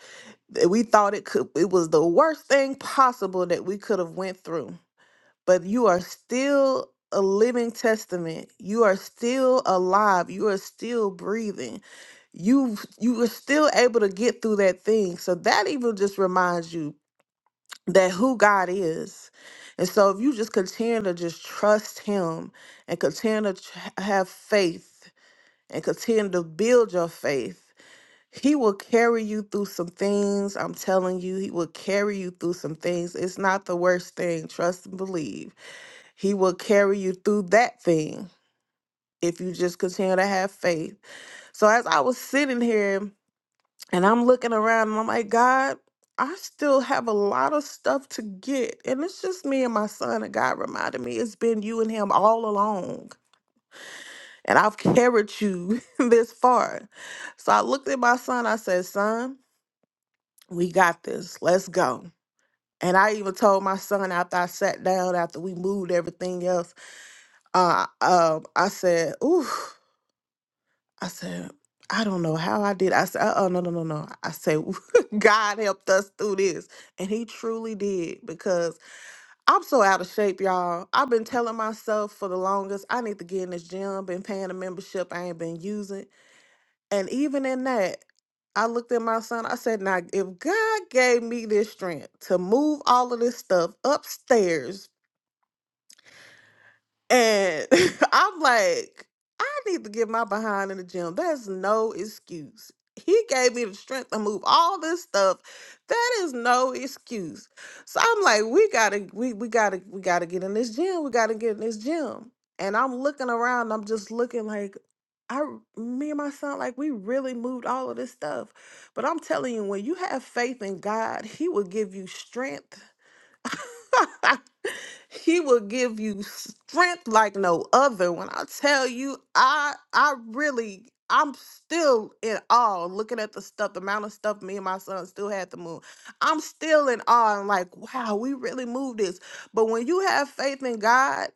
Speaker 5: that we thought it could it was the worst thing possible that we could have went through but you are still a living testament. You are still alive. You are still breathing. You you were still able to get through that thing. So that even just reminds you that who God is. And so if you just continue to just trust him and continue to tr- have faith and continue to build your faith, he will carry you through some things. I'm telling you, he will carry you through some things. It's not the worst thing. Trust and believe he will carry you through that thing if you just continue to have faith. So as I was sitting here and I'm looking around and I'm like, God, I still have a lot of stuff to get. And it's just me and my son. And God reminded me, it's been you and him all along. And I've carried you this far. So I looked at my son. I said, Son, we got this. Let's go. And I even told my son after I sat down, after we moved everything else, uh, um, I said, "Ooh." I said, I don't know how I did. I said, uh oh, no, no, no, no. I said, God helped us through this. And he truly did because I'm so out of shape, y'all. I've been telling myself for the longest, I need to get in this gym, been paying a membership I ain't been using. And even in that, I looked at my son, I said, now if God gave me this strength to move all of this stuff upstairs And I'm like, I need to get my behind in the gym. That's no excuse. He gave me the strength to move all this stuff. That is no excuse. So I'm like, we gotta, we we gotta, we gotta get in this gym. We gotta get in this gym. And I'm looking around. I'm just looking like, I, r- me and my son, like we really moved all of this stuff. But I'm telling you, when you have faith in God, He will give you strength. He will give you strength like no other. When I tell you, I I really I'm still in awe looking at the stuff, the amount of stuff me and my son still had to move. I'm still in awe and like, wow, we really moved this. But when you have faith in God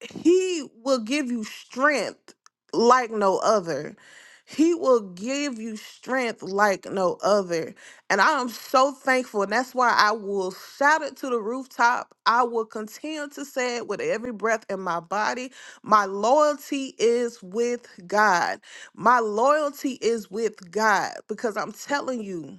Speaker 5: he will give you strength like no other. He will give you strength like no other. And I am so thankful. And that's why I will shout it to the rooftop. I will continue to say it with every breath in my body. My loyalty is with God. My loyalty is with God because I'm telling you.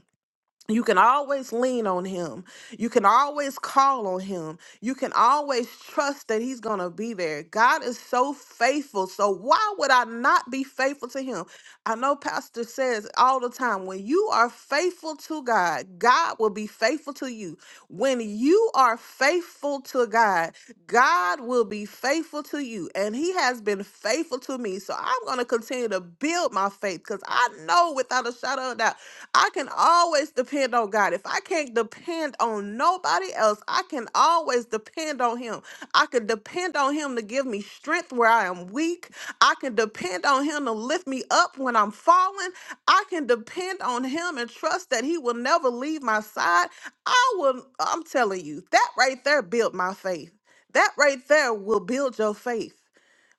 Speaker 5: You can always lean on him. You can always call on him. You can always trust that he's going to be there. God is so faithful. So why would I not be faithful to him? I know pastor says all the time when you are faithful to God, God will be faithful to you. When you are faithful to God, God will be faithful to you. And he has been faithful to me. So I'm going to continue to build my faith cuz I know without a shadow of a doubt I can always depend on God. If I can't depend on nobody else, I can always depend on Him. I can depend on Him to give me strength where I am weak. I can depend on Him to lift me up when I'm falling. I can depend on Him and trust that He will never leave my side. I will, I'm telling you, that right there built my faith. That right there will build your faith.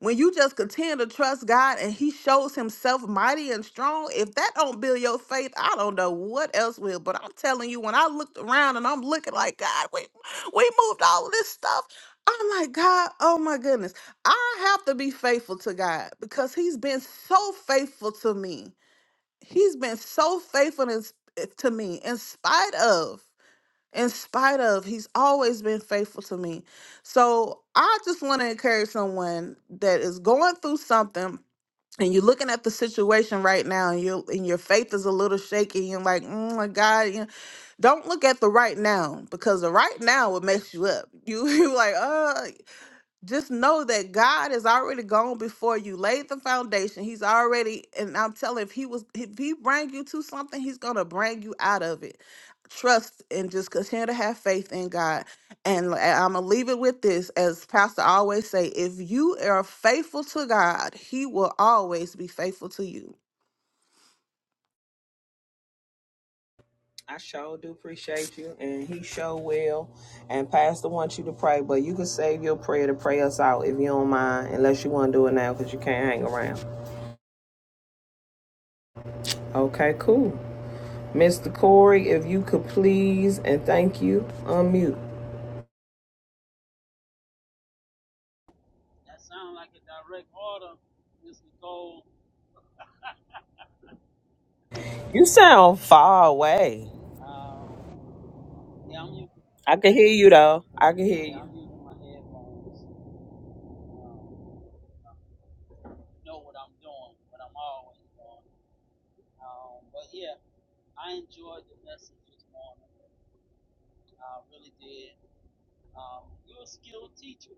Speaker 5: When you just continue to trust God and He shows Himself mighty and strong, if that don't build your faith, I don't know what else will. But I'm telling you, when I looked around and I'm looking like God, we we moved all of this stuff. I'm like, God, oh my goodness. I have to be faithful to God because He's been so faithful to me. He's been so faithful in to me in spite of in spite of he's always been faithful to me so i just want to encourage someone that is going through something and you're looking at the situation right now and you and your faith is a little shaky and you're like oh my god you know, don't look at the right now because the right now will mess you up you you like uh just know that God has already gone before you, laid the foundation. He's already, and I'm telling, if he was, if he bring you to something, he's gonna bring you out of it. Trust and just continue to have faith in God. And I'm gonna leave it with this, as Pastor always say: if you are faithful to God, He will always be faithful to you.
Speaker 3: I sure do appreciate you, and he sure will. And Pastor wants you to pray, but you can save your prayer to pray us out if you don't mind, unless you want to do it now because you can't hang around. Okay, cool. Mr. Corey, if you could please and thank you, unmute.
Speaker 6: That sounds like a direct order, Miss Nicole.
Speaker 3: You sound far away.
Speaker 6: Um, yeah, I'm using,
Speaker 3: I can hear you though. I can hear
Speaker 6: yeah,
Speaker 3: you.
Speaker 6: I'm using my headphones. Um, I know what I'm doing, what I'm always doing. Um, but yeah, I enjoyed the message this morning. I really did. Um, you're a skilled teacher.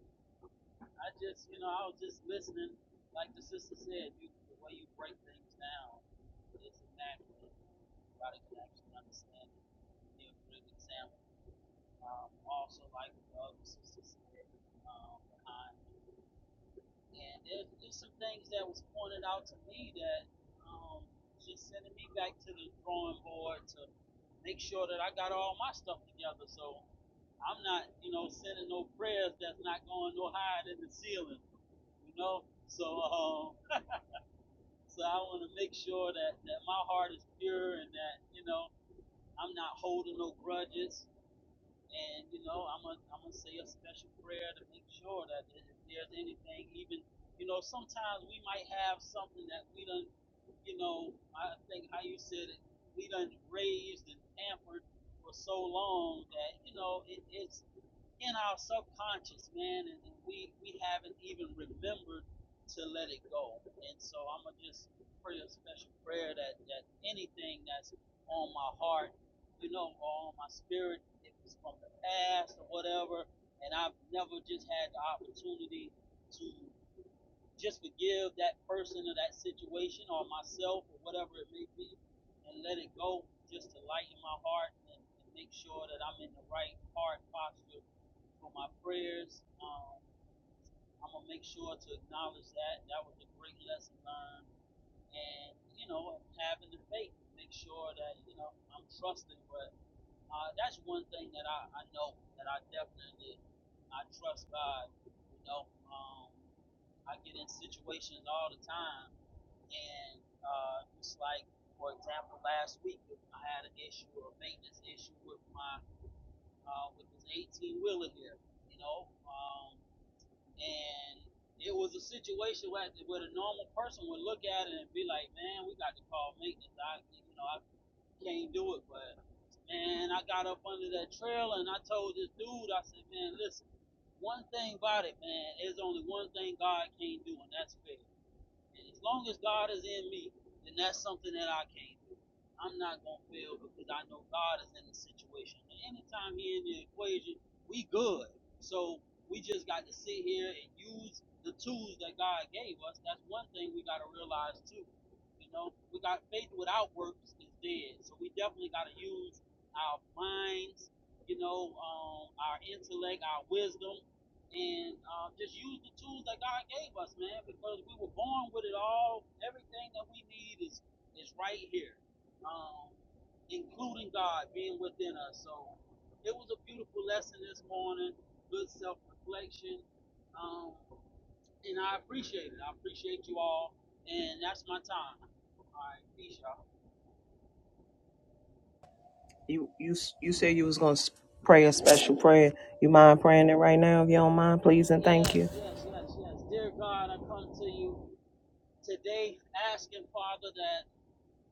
Speaker 6: I just, you know, I was just listening. Like the sister said, you, the way you break things down is immaculate. Everybody can actually understand it. Give a good example. um, also like the other sisters said um, behind. And there's, there's some things that was pointed out to me that um, just sending me back to the drawing board to make sure that I got all my stuff together. So I'm not, you know, sending no prayers that's not going no higher than the ceiling, you know. So um, so I want to make sure that that my heart is pure and that you know I'm not holding no grudges. And you know, I'm gonna I'm gonna say a special prayer to make sure that if there's anything, even you know, sometimes we might have something that we done, you know, I think how you said it, we done raised and pampered for so long that you know it, it's in our subconscious, man, and we we haven't even remembered to let it go. And so I'm gonna just pray a special prayer that that anything that's on my heart, you know, or on my spirit, if it's from the past or whatever, and I've never just had the opportunity to just forgive that person or that situation or myself or whatever it may be, and let it go, just to lighten my heart and, and make sure that I'm in the right heart posture for my prayers. Um, I'm gonna make sure to acknowledge that. That was a great lesson learned, and you know, having the faith, make sure that you know I'm trusting. But uh, that's one thing that I, I know that I definitely I trust God. You know, um, I get in situations all the time, and uh, it's like, for example, last week I had an issue, a maintenance issue with my uh, with this 18 wheeler here. You know. Um, And it was a situation where, where the normal person would look at it and be like, man, we got to call maintenance. I, you know, I can't do it. But, man, I got up under that trailer and I told this dude, I said, man, listen, one thing about it, man, there's only one thing God can't do, and that's fail. And as long as God is in me, then that's something that I can't do. I'm not gonna fail because I know God is in the situation. And anytime He in the equation, we good. So we just got to sit here and use the tools that God gave us. That's one thing we gotta realize too. You know, we got faith without works is dead. So we definitely gotta use our minds, you know, um, our intellect, our wisdom and um, just use the tools that God gave us, man, because we were born with it all. Everything that we need is is right here, um, including God being within us. So it was a beautiful lesson this morning, good self reflection, um, and I appreciate it. I appreciate you all, and that's my time. All right, peace, y'all.
Speaker 3: You you you said you was gonna s- pray a special prayer. You mind praying it right now if you don't mind, please and thank
Speaker 6: Yes,
Speaker 3: you.
Speaker 6: yes, yes, yes. Dear God, I come to you today asking, Father, that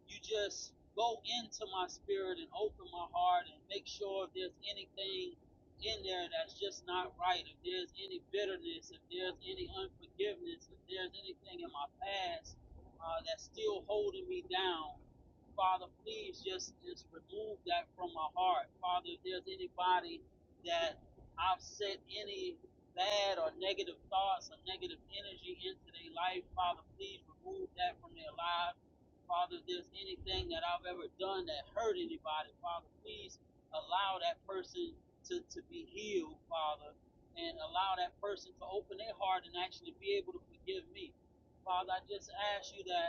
Speaker 6: you just go into my spirit and open my heart and make sure if there's anything in there that's just not right, if there's any bitterness, if there's any unforgiveness, if there's anything in my past uh, that's still holding me down. Father, please just, just remove that from my heart. Father, if there's anybody that I've set any bad or negative thoughts or negative energy into their life, Father, please remove that from their lives. Father, if there's anything that I've ever done that hurt anybody, Father, please allow that person to, to be healed, Father, and allow that person to open their heart and actually be able to forgive me. Father, I just ask you that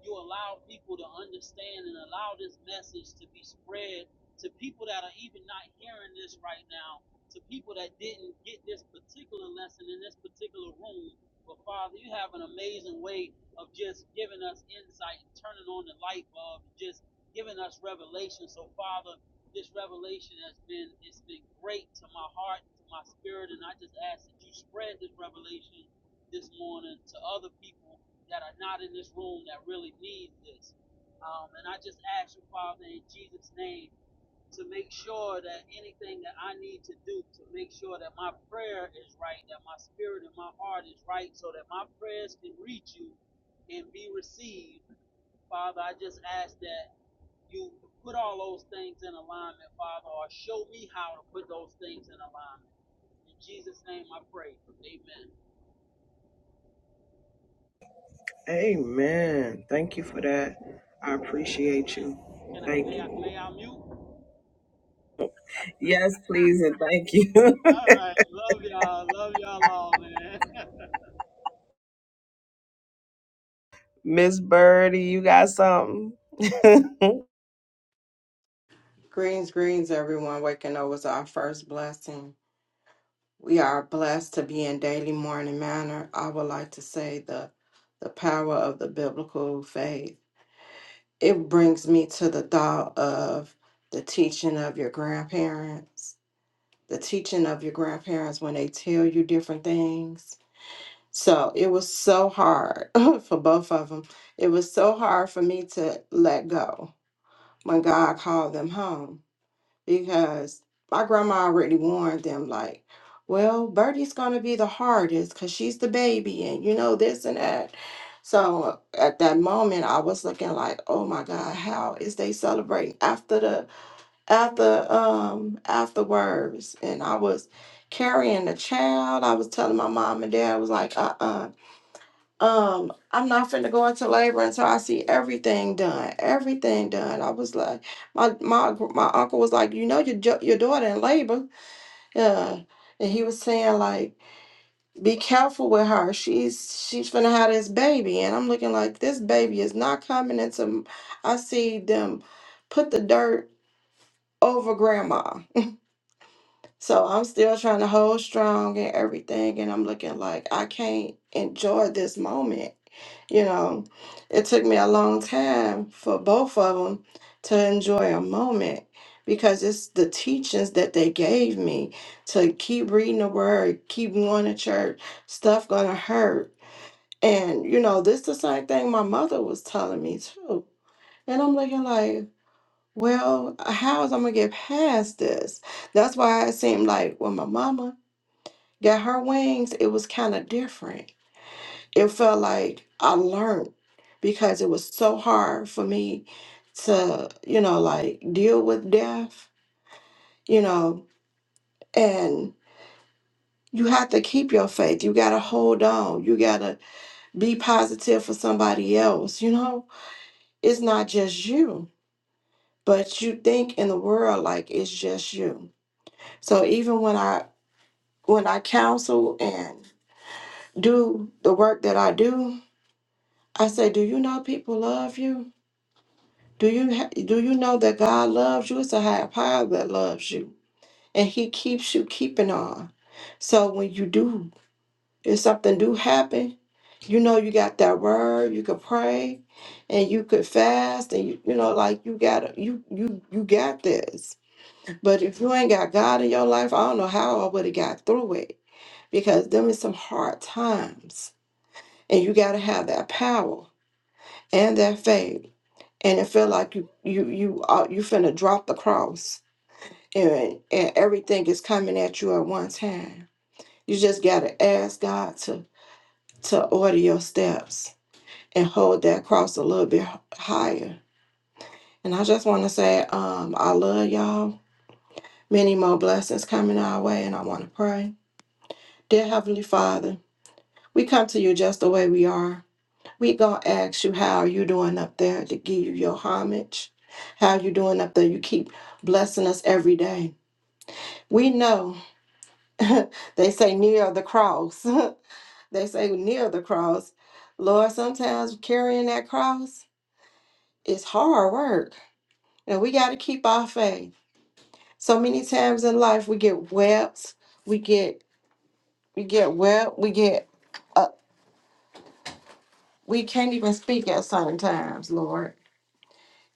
Speaker 6: you allow people to understand and allow this message to be spread to people that are even not hearing this right now, to people that didn't get this particular lesson in this particular room. But Father, you have an amazing way of just giving us insight and turning on the light bulb, and just giving us revelation. So Father, this revelation has been it's been great to my heart, to my spirit, and I just ask that you spread this revelation this morning to other people that are not in this room that really need this. Um, and I just ask you, Father, in Jesus' name, to make sure that anything that I need to do to make sure that my prayer is right, that my spirit and my heart is right, so that my prayers can reach you and be received. Father, I just ask that you put all those things in alignment, Father, or show me how to put those things in alignment. In Jesus' name I pray. Amen.
Speaker 3: Amen. Thank you for that. I
Speaker 6: Yes,
Speaker 3: appreciate
Speaker 6: ma'am.
Speaker 3: you.
Speaker 6: Can I
Speaker 3: Thank
Speaker 6: may I
Speaker 3: you.
Speaker 6: may I mute?
Speaker 3: Yes, please and thank you.
Speaker 6: All right. Love y'all. Love y'all all, man.
Speaker 3: Miss Birdie, you got something?
Speaker 7: Greens, greens, everyone. Waking up was our first blessing. We are blessed to be in daily morning manner. I would like to say the the power of the biblical faith. It brings me to the thought of the teaching of your grandparents. The teaching of your grandparents when they tell you different things. So it was so hard for both of them. It was so hard for me to let go when God called them home because my grandma already warned them like well Birdie's going to be the hardest because she's the baby and you know this and that so at that moment i was looking like oh my god how is they celebrating after the after um afterwards and i was carrying the child i was telling my mom and dad I was like uh-uh um, I'm not finna go into labor until I see everything done. Everything done. I was like, my my my uncle was like, you know, your jo- your daughter in labor. Yeah, and he was saying like, be careful with her. She's she's finna have this baby, and I'm looking like this baby is not coming into. I see them put the dirt over grandma. So I'm still trying to hold strong and everything, and I'm looking like I can't enjoy this moment You know, it took me a long time for both of them to enjoy a moment because it's the teachings that they gave me to keep reading the word, keep going to church, stuff gonna hurt. And you know, this the same thing my mother was telling me too. And I'm looking like, well, how is I'm gonna get past this? That's why it seemed like when my mama got her wings, it was kind of different it felt like I learned because it was so hard for me to, you know, like deal with death, you know, and you have to keep your faith. You got to hold on. You got to be positive for somebody else, you know? It's not just you, but you think in the world like it's just you. So even when I when I counsel and do the work that I do, I say, "Do you know people love you?" Do you ha- do you know that God loves you? It's a higher power that loves you, and He keeps you keeping on. So when you do, if something do happen, you know you got that word. You could pray, and you could fast, and you you know like you got you you you got this. But if you ain't got God in your life, I don't know how I would have got through it because them is some hard times, and you got to have that power and that faith and it felt like you you you uh, you finna drop the cross and and everything is coming at you at one time you just gotta ask god to to order your steps and hold that cross a little bit h- higher and i just want to say um i love y'all many more blessings coming our way and i want to pray dear heavenly father we come to you just the way we are we gonna ask you how are you doing up there to give you your homage how you doing up there you keep blessing us every day We know they say near the cross. they say near the cross. Lord, sometimes carrying that cross is hard work. And we got to keep our faith. So many times in life we get wept, we get we get wept, we get uh, we can't even speak at certain times, Lord.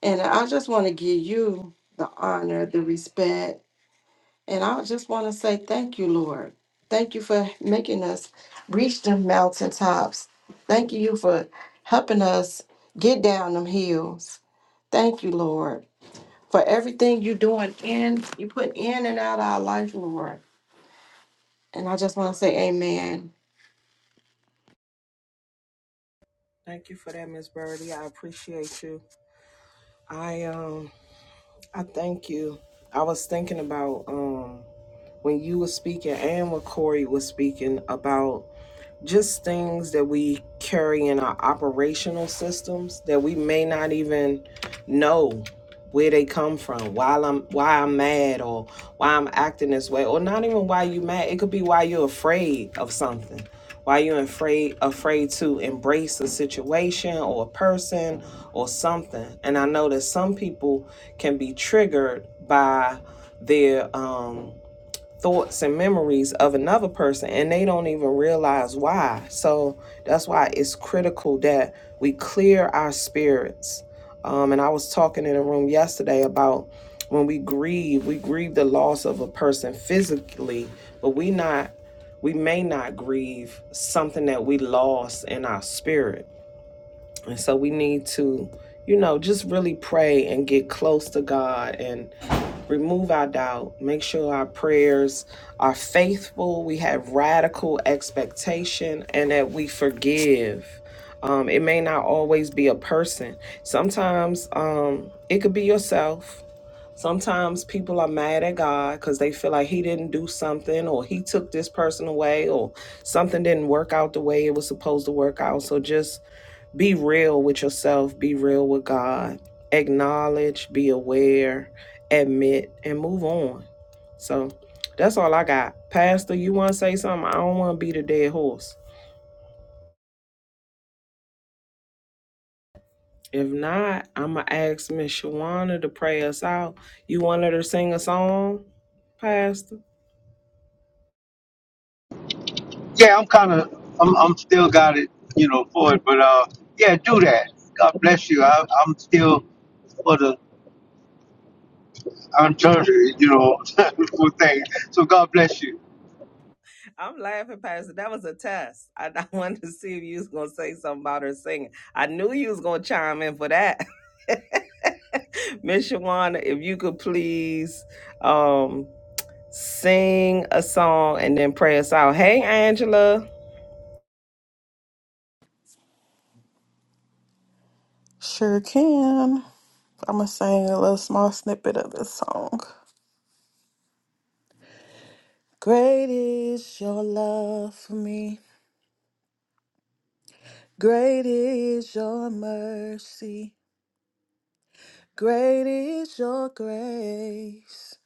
Speaker 7: And I just want to give you the honor, the respect, And I just want to say thank you, Lord. Thank you for making us reach them mountaintops. Thank you for helping us get down them hills. Thank you, Lord, for everything you're doing in, you put in and out of our life, Lord. And I just want to say amen.
Speaker 3: thank you for that, Miss Birdie. I appreciate you. I um. I thank you. I was thinking about um when you were speaking and when Corey was speaking about just things that we carry in our operational systems that we may not even know where they come from why i'm why i'm mad or why i'm acting this way or not even why you mad it could be why you're afraid of something why you're afraid afraid to embrace a situation or a person or something and i know that some people can be triggered by their um thoughts and memories of another person and they don't even realize why. So that's why it's critical that we clear our spirits. Um, and I was talking in a room yesterday about when we grieve, we grieve the loss of a person physically, but we not we may not grieve something that we lost in our spirit and so we need to, you know, just really pray and get close to God and remove our doubt. Make sure our prayers are faithful. We have radical expectation and that we forgive. Um, it may not always be a person. Sometimes um, it could be yourself. Sometimes people are mad at God because they feel like He didn't do something or He took this person away or something didn't work out the way it was supposed to work out. So just be real with yourself, be real with God. Acknowledge, be aware, admit, and move on. So that's all I got. Pastor, you want to say something? I don't want to be the dead horse. If not, I'm going to ask Miss Shawana to pray us out. You want her to sing a song, Pastor?
Speaker 1: Yeah, I'm kind of I'm I'm still got it. You know, for it, but uh, yeah, do that. God bless you. I, I'm still for the I'm trying to, you know, good thing. So God bless you.
Speaker 3: I'm laughing, Pastor. That was a test. I, I wanted to see if you was gonna say something about her singing. I knew you was gonna chime in for that. Miss Shawana, if you could please um sing a song and then pray us out. Hey Angela.
Speaker 5: Sure can. I'm gonna sing a little small snippet of this song. Great is your love for me. Great is your mercy, great is your grace,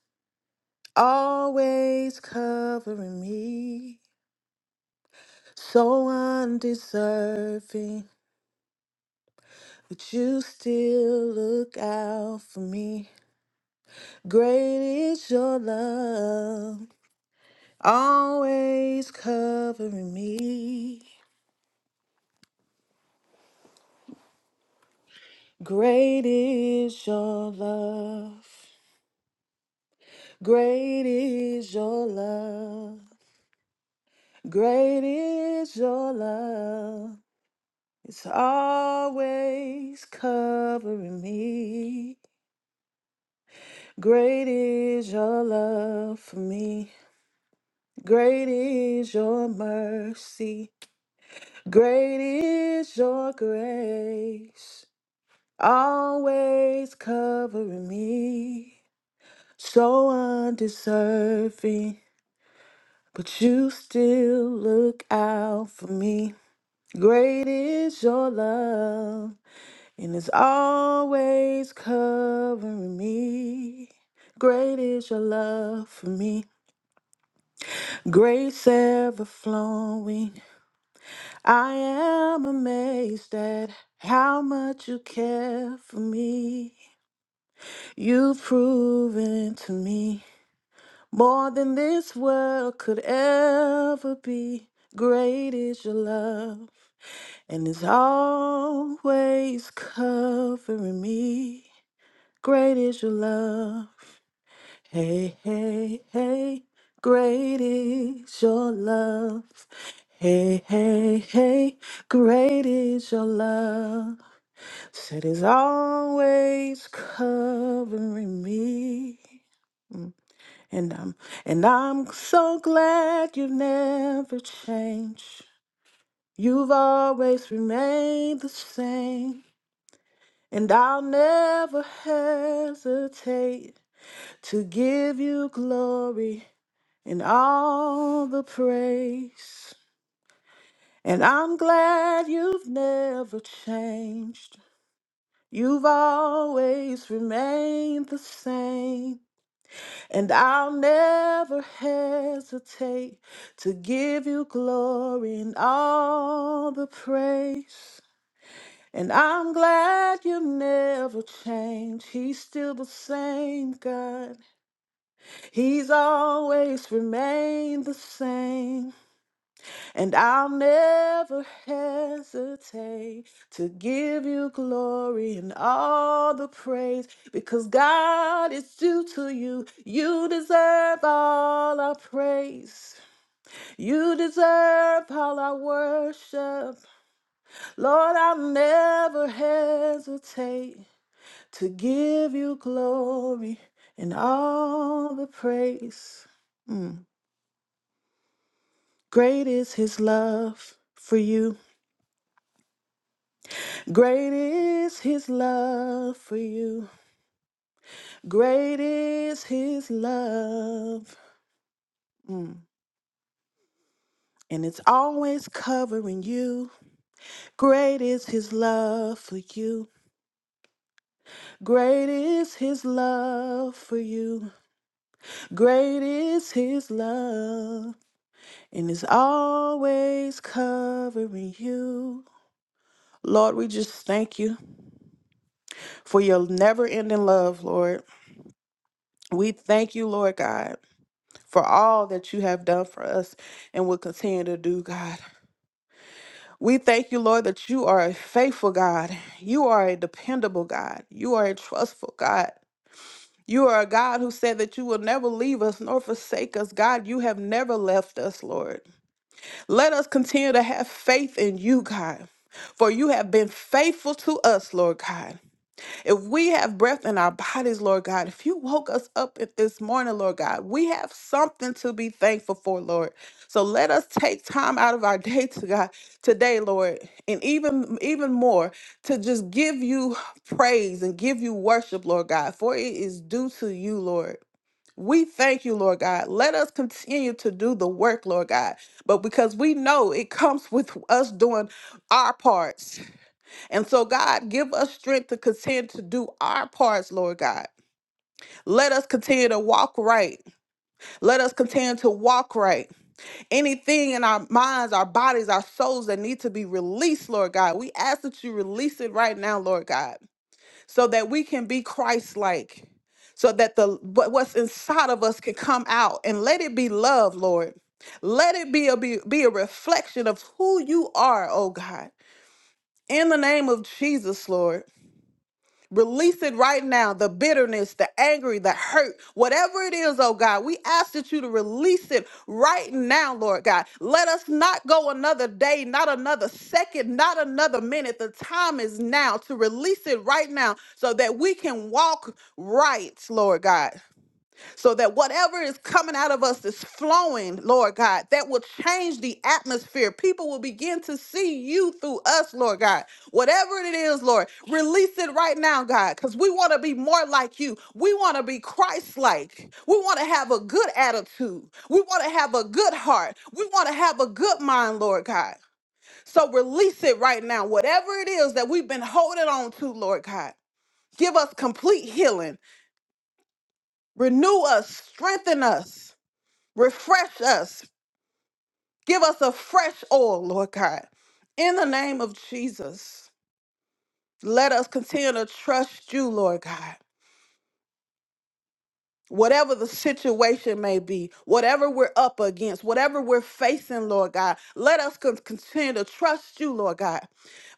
Speaker 5: always covering me, so undeserving, but you still look out for me. Great is your love, always covering me. Great is your love, great is your love. Great is your love. It's always covering me. Great is your love for me. Great is your mercy. Great is your grace. Always covering me. So undeserving, but you still look out for me. Great is your love. And it's always covering me. Great is your love for me. Grace ever flowing. I am amazed at how much you care for me. You've proven to me more than this world could ever be. Great is your love, and it's always covering me. Great is your love. Hey, hey, hey. Great is your love. Hey, hey, hey. Great is your love. Said is always covering me. Mm. And I'm and I'm so glad you've never changed. You've always remained the same. And I'll never hesitate to give you glory and all the praise. And I'm glad you've never changed. You've always remained the same. And I'll never hesitate to give you glory and all the praise. And I'm glad you never changed. He's still the same God. He's always remained the same, and I'll never hesitate to give you glory and all the praise because God is due to you. You deserve all our praise, you deserve all our worship. Lord, I'll never hesitate to give you glory and all the praise. Hmm. Great is his love for you. Great is his love for you. Great is his love. Mm. And it's always covering you. Great is his love for you. Great is his love for you. Great is his love. And it's always covering you. Lord, we just thank you for your never ending love, Lord. We thank you, Lord God. for all that you have done for us and will continue to do, God. We thank you, Lord, that you are a faithful God. You are a dependable God. You are a trustful God. You are a God who said that you will never leave us nor forsake us. God, you have never left us, Lord. Let us continue to have faith in you, God, for you have been faithful to us, Lord God. If we have breath in our bodies, Lord God, if you woke us up at this morning, Lord God, we have something to be thankful for, Lord. So let us take time out of our day to God today, Lord, and even even more to just give you praise and give you worship, Lord God, for it is due to you, Lord. We thank you, Lord God. Let us continue to do the work, Lord God, but because we know it comes with us doing our part. And so, God, give us strength to continue to do our parts, Lord God. Let us continue to walk right. Let us continue to walk right. Anything in our minds, our bodies, our souls that need to be released, Lord God, we ask that you release it right now, Lord God, so that we can be Christ like, so that the what- what's inside of us can come out and let it be love, Lord. Let it be a, be, be a reflection of who you are, oh God. In the name of Jesus, Lord. Release it right now the bitterness, the anger, the hurt, whatever it is, oh God. We ask that you to release it right now, Lord God. Let us not go another day, not another second, not another minute. The time is now to release it right now so that we can walk right, Lord God so that whatever is coming out of us is flowing, Lord God, that will change the atmosphere. People will begin to see you through us, Lord God. Whatever it is, Lord, release it right now, God, because we want to be more like you. We want to be Christ like. We want to have a good attitude. We want to have a good heart. We want to have a good mind, Lord God. So release it right now. Whatever it is that we've been holding on to, Lord God, give us complete healing, renew us, strengthen us. Refresh us. Give us a fresh oil, Lord God. In the name of Jesus, let us continue to trust you, Lord God. Whatever the situation may be, whatever we're up against, whatever we're facing, Lord God, let us con- continue to trust you, Lord God.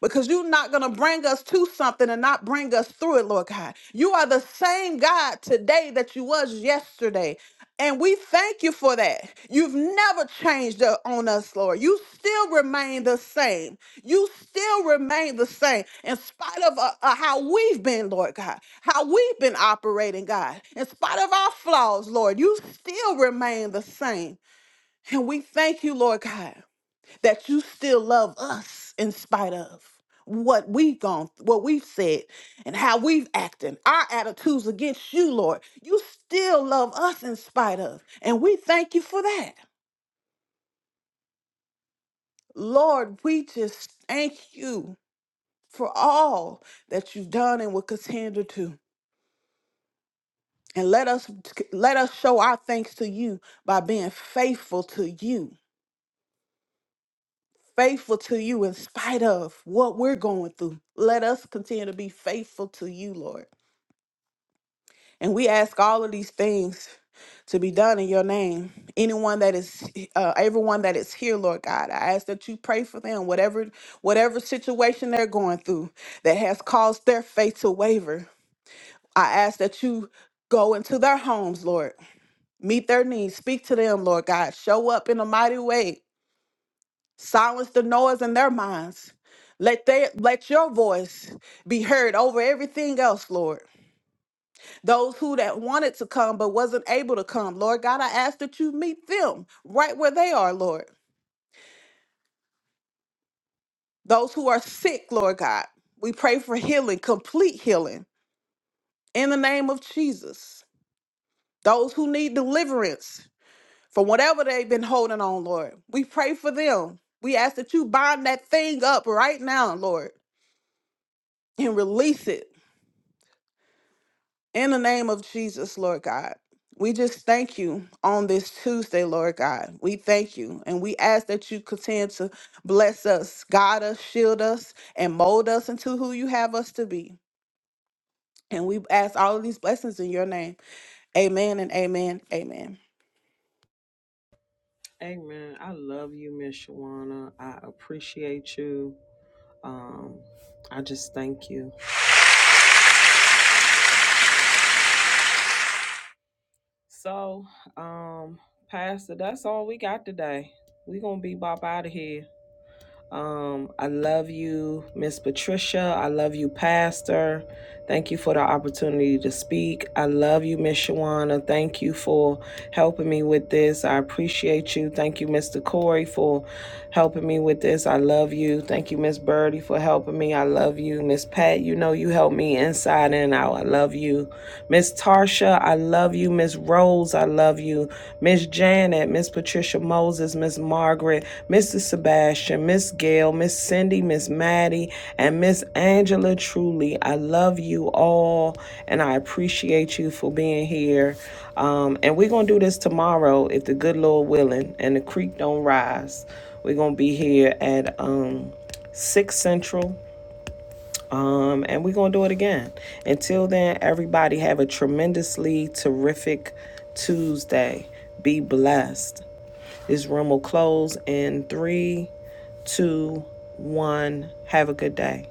Speaker 5: because you're not going to bring us to something and not bring us through it, Lord God. You are the same God today that you was yesterday. And we thank you for that. You've never changed uh, on us, Lord. You still remain the same. You still remain the same in spite of uh, uh, how we've been, Lord God, how we've been operating, God. In spite of our flaws, Lord, you still remain the same. And we thank you, Lord God that you still love us in spite of what we've gone what we've said and how we've acted our attitudes against you lord you still love us in spite of and we thank you for that lord we just thank you for all that you've done and will continue to do and let us let us show our thanks to you by being faithful to you faithful to you in spite of what we're going through let us continue to be faithful to you lord And we ask all of these things to be done in your name. Anyone that is uh, everyone that is here, Lord God, I ask that you pray for them, whatever whatever situation they're going through that has caused their faith to waver. I ask that you go into their homes, Lord. Meet their needs. Speak to them, Lord God. Show up in a mighty way. Silence the noise in their minds. Let they let your voice be heard over everything else, Lord those who that wanted to come but wasn't able to come. Lord God, I ask that you meet them right where they are, Lord. Those who are sick, Lord God, we pray for healing, complete healing in the name of Jesus. Those who need deliverance from whatever they've been holding on, Lord, we pray for them. We ask that you bind that thing up right now, Lord, and release it In the name of Jesus, Lord God, we just thank you on this Tuesday, Lord God. We thank you and we ask that you continue to bless us, guide us, shield us, and mold us into who you have us to be. And we ask all of these blessings in your name. Amen and amen. Amen.
Speaker 3: Amen. I love you, Miss Shawana. I appreciate you. Um, I just thank you. So, um, Pastor, that's all we got today. we gonna be bop out of here. Um, I love you, Miss Patricia. I love you, Pastor. Thank you for the opportunity to speak. I love you, Miss Shawana. Thank you for helping me with this. I appreciate you. Thank you, Mr. Corey, for helping me with this. I love you. Thank you, Miss Birdie, for helping me. I love you, Miss Pat. You know you help me inside and out. I love you. Miss Tarsha, I love you. Miss Rose, I love you. Miss Janet, Miss Patricia Moses, Miss Margaret, Mr. Sebastian, Miss Gail, Miss Cindy, Miss Maddie, and Miss Angela truly. I love you all and I appreciate you for being here. Um, and we're gonna do this tomorrow if the good Lord willing and the creek don't rise. We're gonna be here at um six central um, and we're gonna do it again. Until then, everybody have a tremendously terrific Tuesday. Be blessed. This room will close in three, two, one. Have a good day.